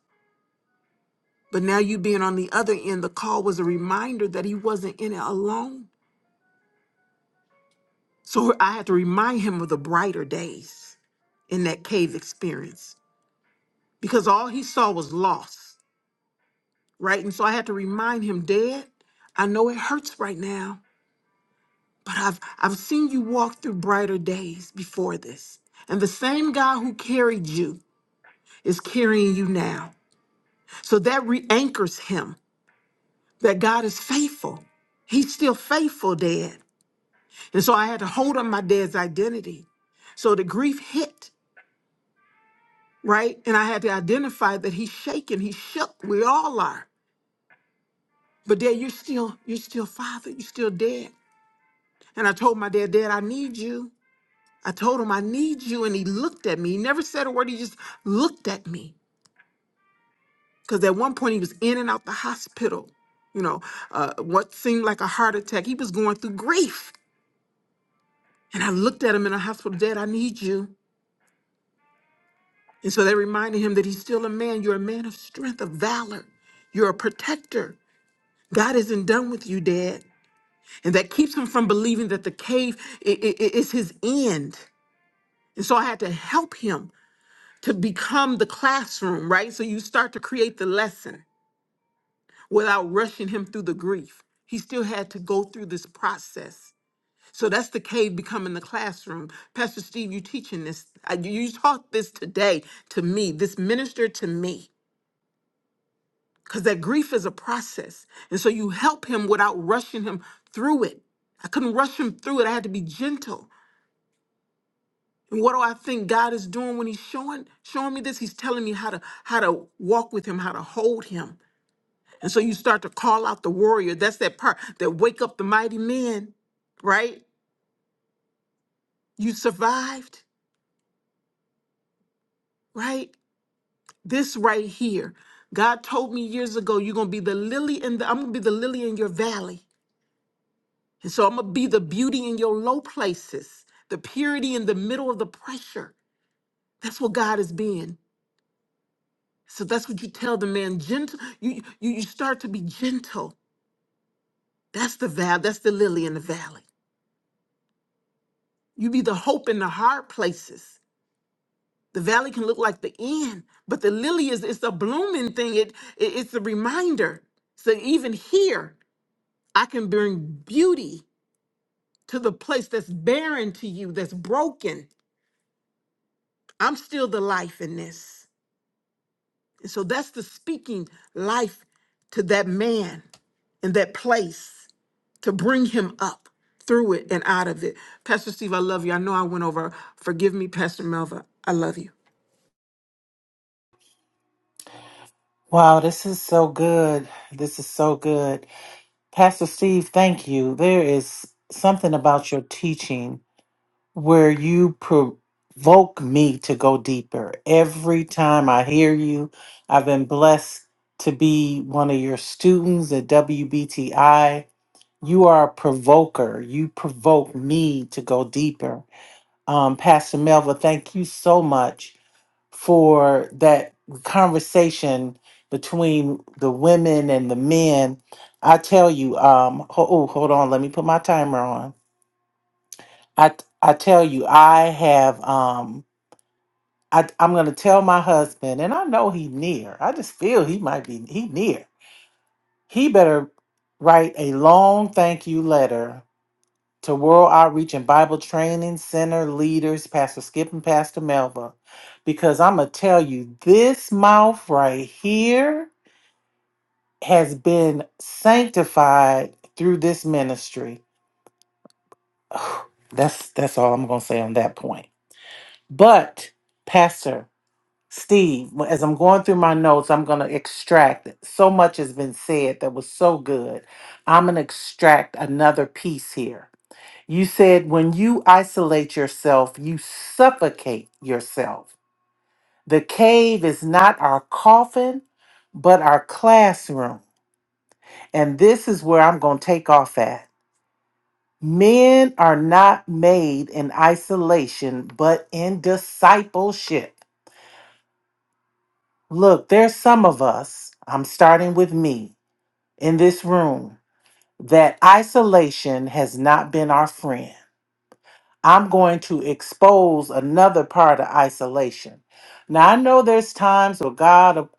S3: but now you being on the other end, the call was a reminder that he wasn't in it alone. So I had to remind him of the brighter days in that cave experience because all he saw was loss, right? And so I had to remind him, Dad, I know it hurts right now, but I've I've seen you walk through brighter days before this. And the same God who carried you is carrying you now. So that re anchors him that God is faithful. He's still faithful, Dad. And so I had to hold on my dad's identity. So the grief hit, right? And I had to identify that he's shaken, he's shook. We all are. But Dad, you're still, you're still father, you're still dad. And I told my dad, Dad, I need you. I told him I need you. And he looked at me. He never said a word, he just looked at me. Because at one point he was in and out the hospital, you know, uh, what seemed like a heart attack. He was going through grief. And I looked at him in the hospital, Dad, I need you. And so that reminded him that he's still a man. You're a man of strength, of valor. You're a protector. God isn't done with you, Dad. And that keeps him from believing that the cave i- i- i- is his end. And so I had to help him to become the classroom, right? So you start to create the lesson without rushing him through the grief. He still had to go through this process. So that's the cave becoming the classroom. Pastor Steve, you teaching this. I- You you taught this today to me. This minister to me, because that grief is a process, and so you help him without rushing him through it. I couldn't rush him through it. I had to be gentle. And what do I think God is doing when He's showing showing me this? He's telling me how to how to walk with Him, how to hold Him. And so you start to call out the warrior. That's that part that wake up the mighty men, right? You survived, right? this right here. God told me years ago, you're gonna be the lily in the I'm gonna be the lily in your valley. And so I'm gonna be the beauty in your low places, the purity in the middle of the pressure. That's what God is being. So that's what you tell the man. Gentle, you you you start to be gentle. That's the val, that's the lily in the valley. You be the hope in the hard places. The valley can look like the end, but the lily is it's a blooming thing. It, it it's a reminder. So even here. I can bring beauty to the place that's barren to you, that's broken. I'm still the life in this. And so that's the speaking life to that man in that place to bring him up through it and out of it. Pastor Steve, I love you. I know I went over. Forgive me, Pastor Melva. I love you.
S2: Wow, this is so good. This is so good. Pastor Steve, thank you. There is something about your teaching where you provoke me to go deeper. Every time I hear you, I've been blessed to be one of your students at WBTI. You are a provoker. You provoke me to go deeper. Um, Pastor Melva, thank you so much for that conversation between the women and the men. I tell you, um, ho- oh, hold on, let me put my timer on. I I tell you, I have um, I I'm gonna tell my husband, and I know he near. I just feel he might be he near. He better write a long thank you letter to World Outreach and Bible Training Center leaders, Pastor Skip and Pastor Melva, because I'm going to tell you, this mouth right here has been sanctified through this ministry. Ugh, That's that's all I'm going to say on that point. But Pastor Steve, as I'm going through my notes, I'm going to extract it. so much has been said that was so good. I'm going to extract another piece here You said when you isolate yourself, you suffocate yourself. The cave is not our coffin, but our classroom. And this is where I'm going to take off at. Men are not made in isolation, but in discipleship. Look, there's some of us, I'm starting with me, in this room, that isolation has not been our friend. I'm going to expose another part of isolation. Now I know there's times where God, will,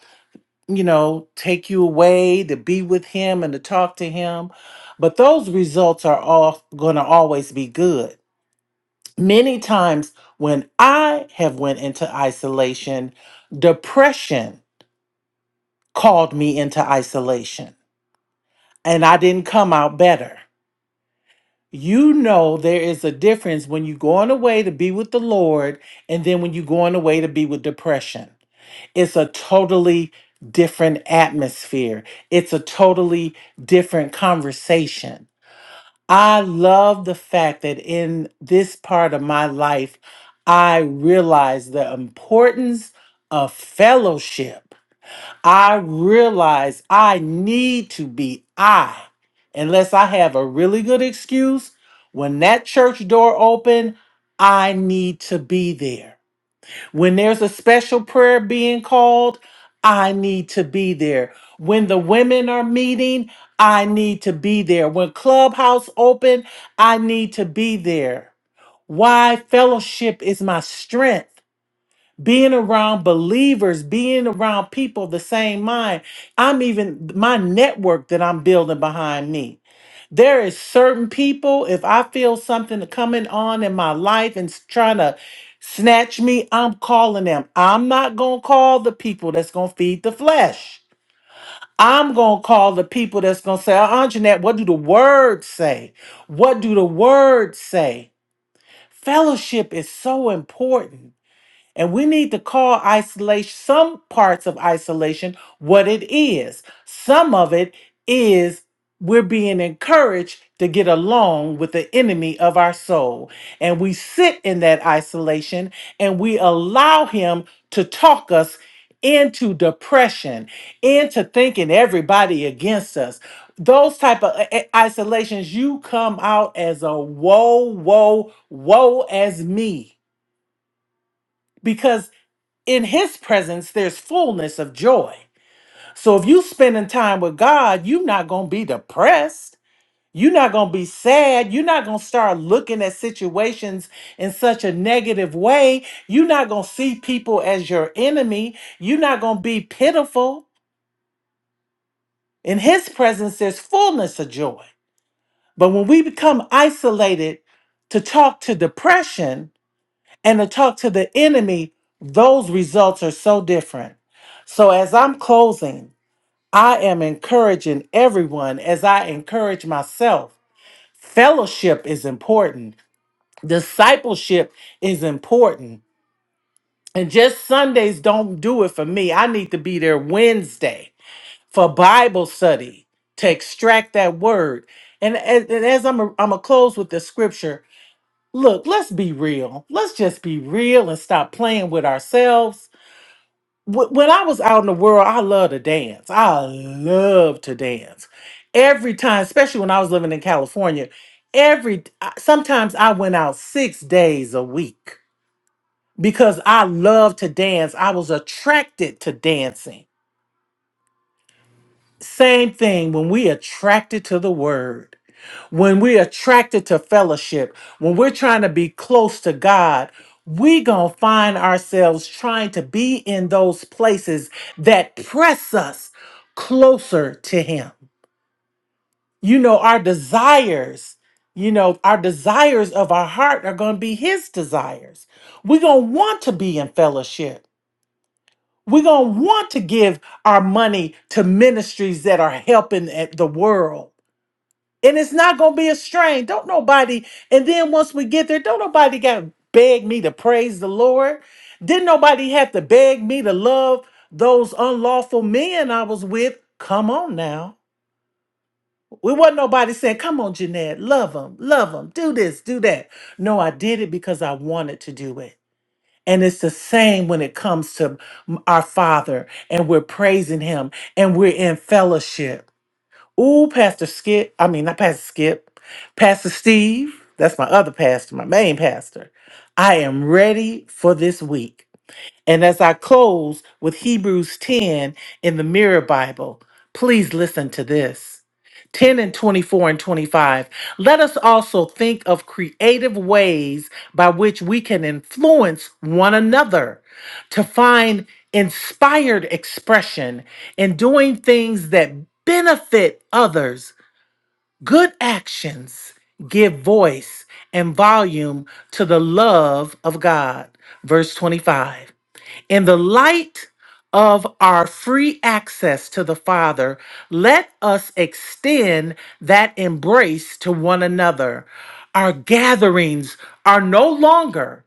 S2: you know, take you away to be with Him and to talk to Him, but those results are all going to always be good. Many times when I have went into isolation, depression called me into isolation, and I didn't come out better. You know there is a difference when you're going away to be with the Lord and then when you're going away to be with depression. It's a totally different atmosphere. It's a totally different conversation. I love the fact that in this part of my life, I realize the importance of fellowship. I realize I need to be I. Unless I have a really good excuse, when that church door open, I need to be there. When there's a special prayer being called, I need to be there. When the women are meeting, I need to be there. When clubhouse open, I need to be there. Why fellowship is my strength being around believers, being around people of the same mind. I'm even my network that I'm building behind me. There is certain people, if I feel something coming on in my life and s- trying to snatch me, I'm calling them. I'm not going to call the people that's going to feed the flesh. I'm going to call the people that's going to say, "Uh, Jeanette, what do the words say? What do the words say? Fellowship is so important. And we need to call isolation, some parts of isolation, what it is. Some of it is we're being encouraged to get along with the enemy of our soul. And we sit in that isolation and we allow him to talk us into depression, into thinking everybody against us. Those type of i- i- isolations, you come out as a whoa, whoa, whoa as me in his presence there's fullness of joy so if you spending time with god you're not gonna be depressed you're not gonna be sad you're not gonna start looking at situations in such a negative way you're not gonna see people as your enemy you're not gonna be pitiful in his presence there's fullness of joy but when we become isolated to talk to depression and to talk to the enemy those results are so different so as i'm closing I am encouraging everyone as I encourage myself. Fellowship is important, discipleship is important. And just Sundays don't do it for me. I need to be there Wednesday for Bible study to extract that word. And as, and as I'm going to close with the scripture, look, let's be real. Let's just be real and stop playing with ourselves Wh- when I was out in the world, I love to dance. I love to dance. Every time, especially when I was living in California, every I- sometimes I went out 6 days a week because I love to dance. I was attracted to dancing. Same thing when we attracted to the word, when we're attracted to fellowship, when we're trying to be close to God, we going to find ourselves trying to be in those places that press us closer to Him. You know, our desires, you know, our desires of our heart are going to be His desires. We're going to want to be in fellowship. We're going to want to give our money to ministries that are helping at the world. And it's not going to be a strain. Don't nobody, and then once we get there, don't nobody got to beg me to praise the Lord. Didn't nobody have to beg me to love those unlawful men I was with? Come on now. We wasn't nobody saying, come on, Jeanette, love them, love them, do this, do that. No, I did it because I wanted to do it. And it's the same when it comes to m- our Father and we're praising Him and we're in fellowship. Ooh, Pastor Skip, I mean, not Pastor Skip, Pastor Steve, that's my other pastor, my main pastor. I am ready for this week. And as I close with Hebrews 10 in the Mirror Bible, please listen to this. 10 and 24 and 25. Let us also think of creative ways by which we can influence one another to find inspired expression in doing things that benefit others. Good actions give voice and volume to the love of God. Verse 25. In the light of our free access to the Father, let us extend that embrace to one another. Our gatherings are no longer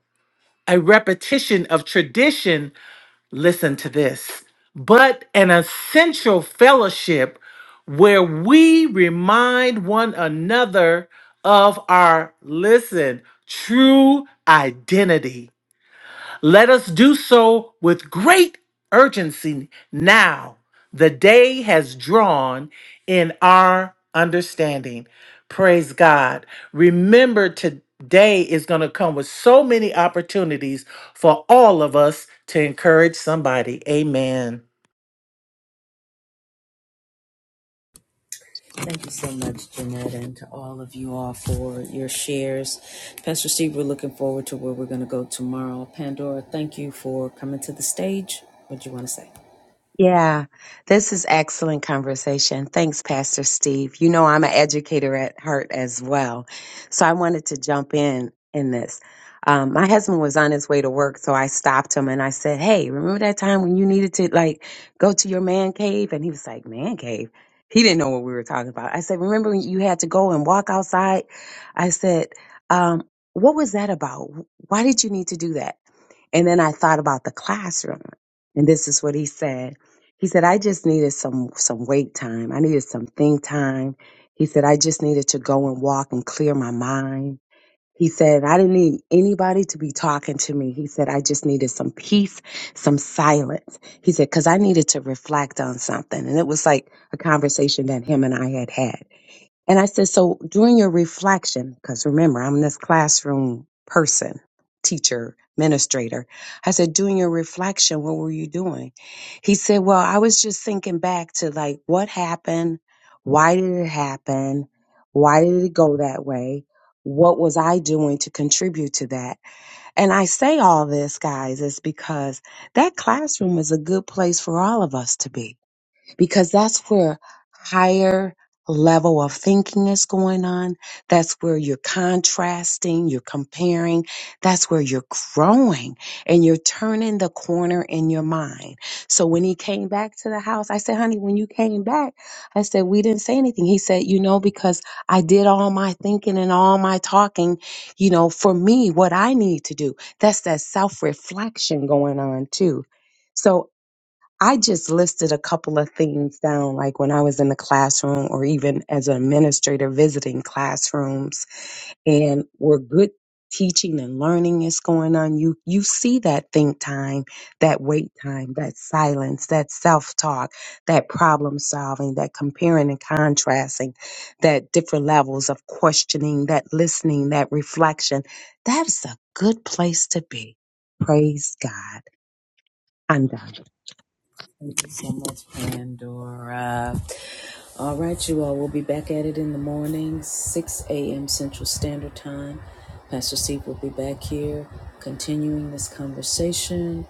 S2: a repetition of tradition. Listen to this, but an essential fellowship where we remind one another of our, listen, true identity let us do so with great urgency now. The day has drawn in our understanding. Praise God. Remember, today is going to come with so many opportunities for all of us to encourage somebody. Amen.
S1: thank you so much jeanette and to all of you all for your shares pastor steve we're looking forward to where we're going to go tomorrow pandora thank you for coming to the stage what do you want to say
S11: Yeah, this is excellent conversation. Thanks, Pastor Steve. You know, I'm an educator at heart as well. So I wanted to jump in in this. Um, my husband was on his way to work, so I stopped him and I said, Hey, remember that time when you needed to like go to your man cave? And he was like, Man cave? He didn't know what we were talking about. I said, Remember when you had to go and walk outside? I said, um, What was that about? Why did you need to do that? And then I thought about the classroom. And this is what he said. He said, I just needed some, some wait time. I needed some think time. He said, I just needed to go and walk and clear my mind. He said, I didn't need anybody to be talking to me. He said, I just needed some peace, some silence. He said, cause I needed to reflect on something. And it was like a conversation that him and I had had. And I said, so during your reflection, because remember, I'm this classroom person, teacher, administrator. I said, during your reflection, what were you doing? He said, well, I was just thinking back to like what happened? Why did it happen? Why did it go that way? What was I doing to contribute to that? And I say all this, guys, is because that classroom is a good place for all of us to be because that's where higher level of thinking is going on. That's where you're contrasting, you're comparing. That's where you're growing and you're turning the corner in your mind. So when he came back to the house, I said, honey, when you came back, I said, we didn't say anything. He said, you know, because I did all my thinking and all my talking, you know, for me, what I need to do. That's that self reflection going on too. So I just listed a couple of things down, like when I was in the classroom or even as an administrator visiting classrooms and where good teaching and learning is going on, you you see that think time, that wait time, that silence, that self-talk, that problem solving, that comparing and contrasting, that different levels of questioning, that listening, that reflection. That's a good place to be. Praise God. I'm done.
S1: Thank you so much, Pandora. All right, you all. We'll be back at it in the morning, 6 a.m. Central Standard Time. Pastor Steve will be back here continuing this conversation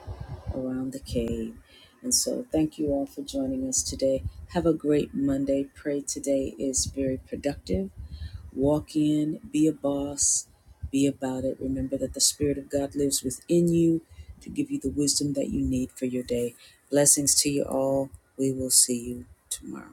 S1: around the cave. And so, thank you all for joining us today. Have a great Monday. Pray today is very productive Walk in, be a boss, be about it. Remember that the Spirit of God lives within you to give you the wisdom that you need for your day. Blessings to you all. We will see you tomorrow.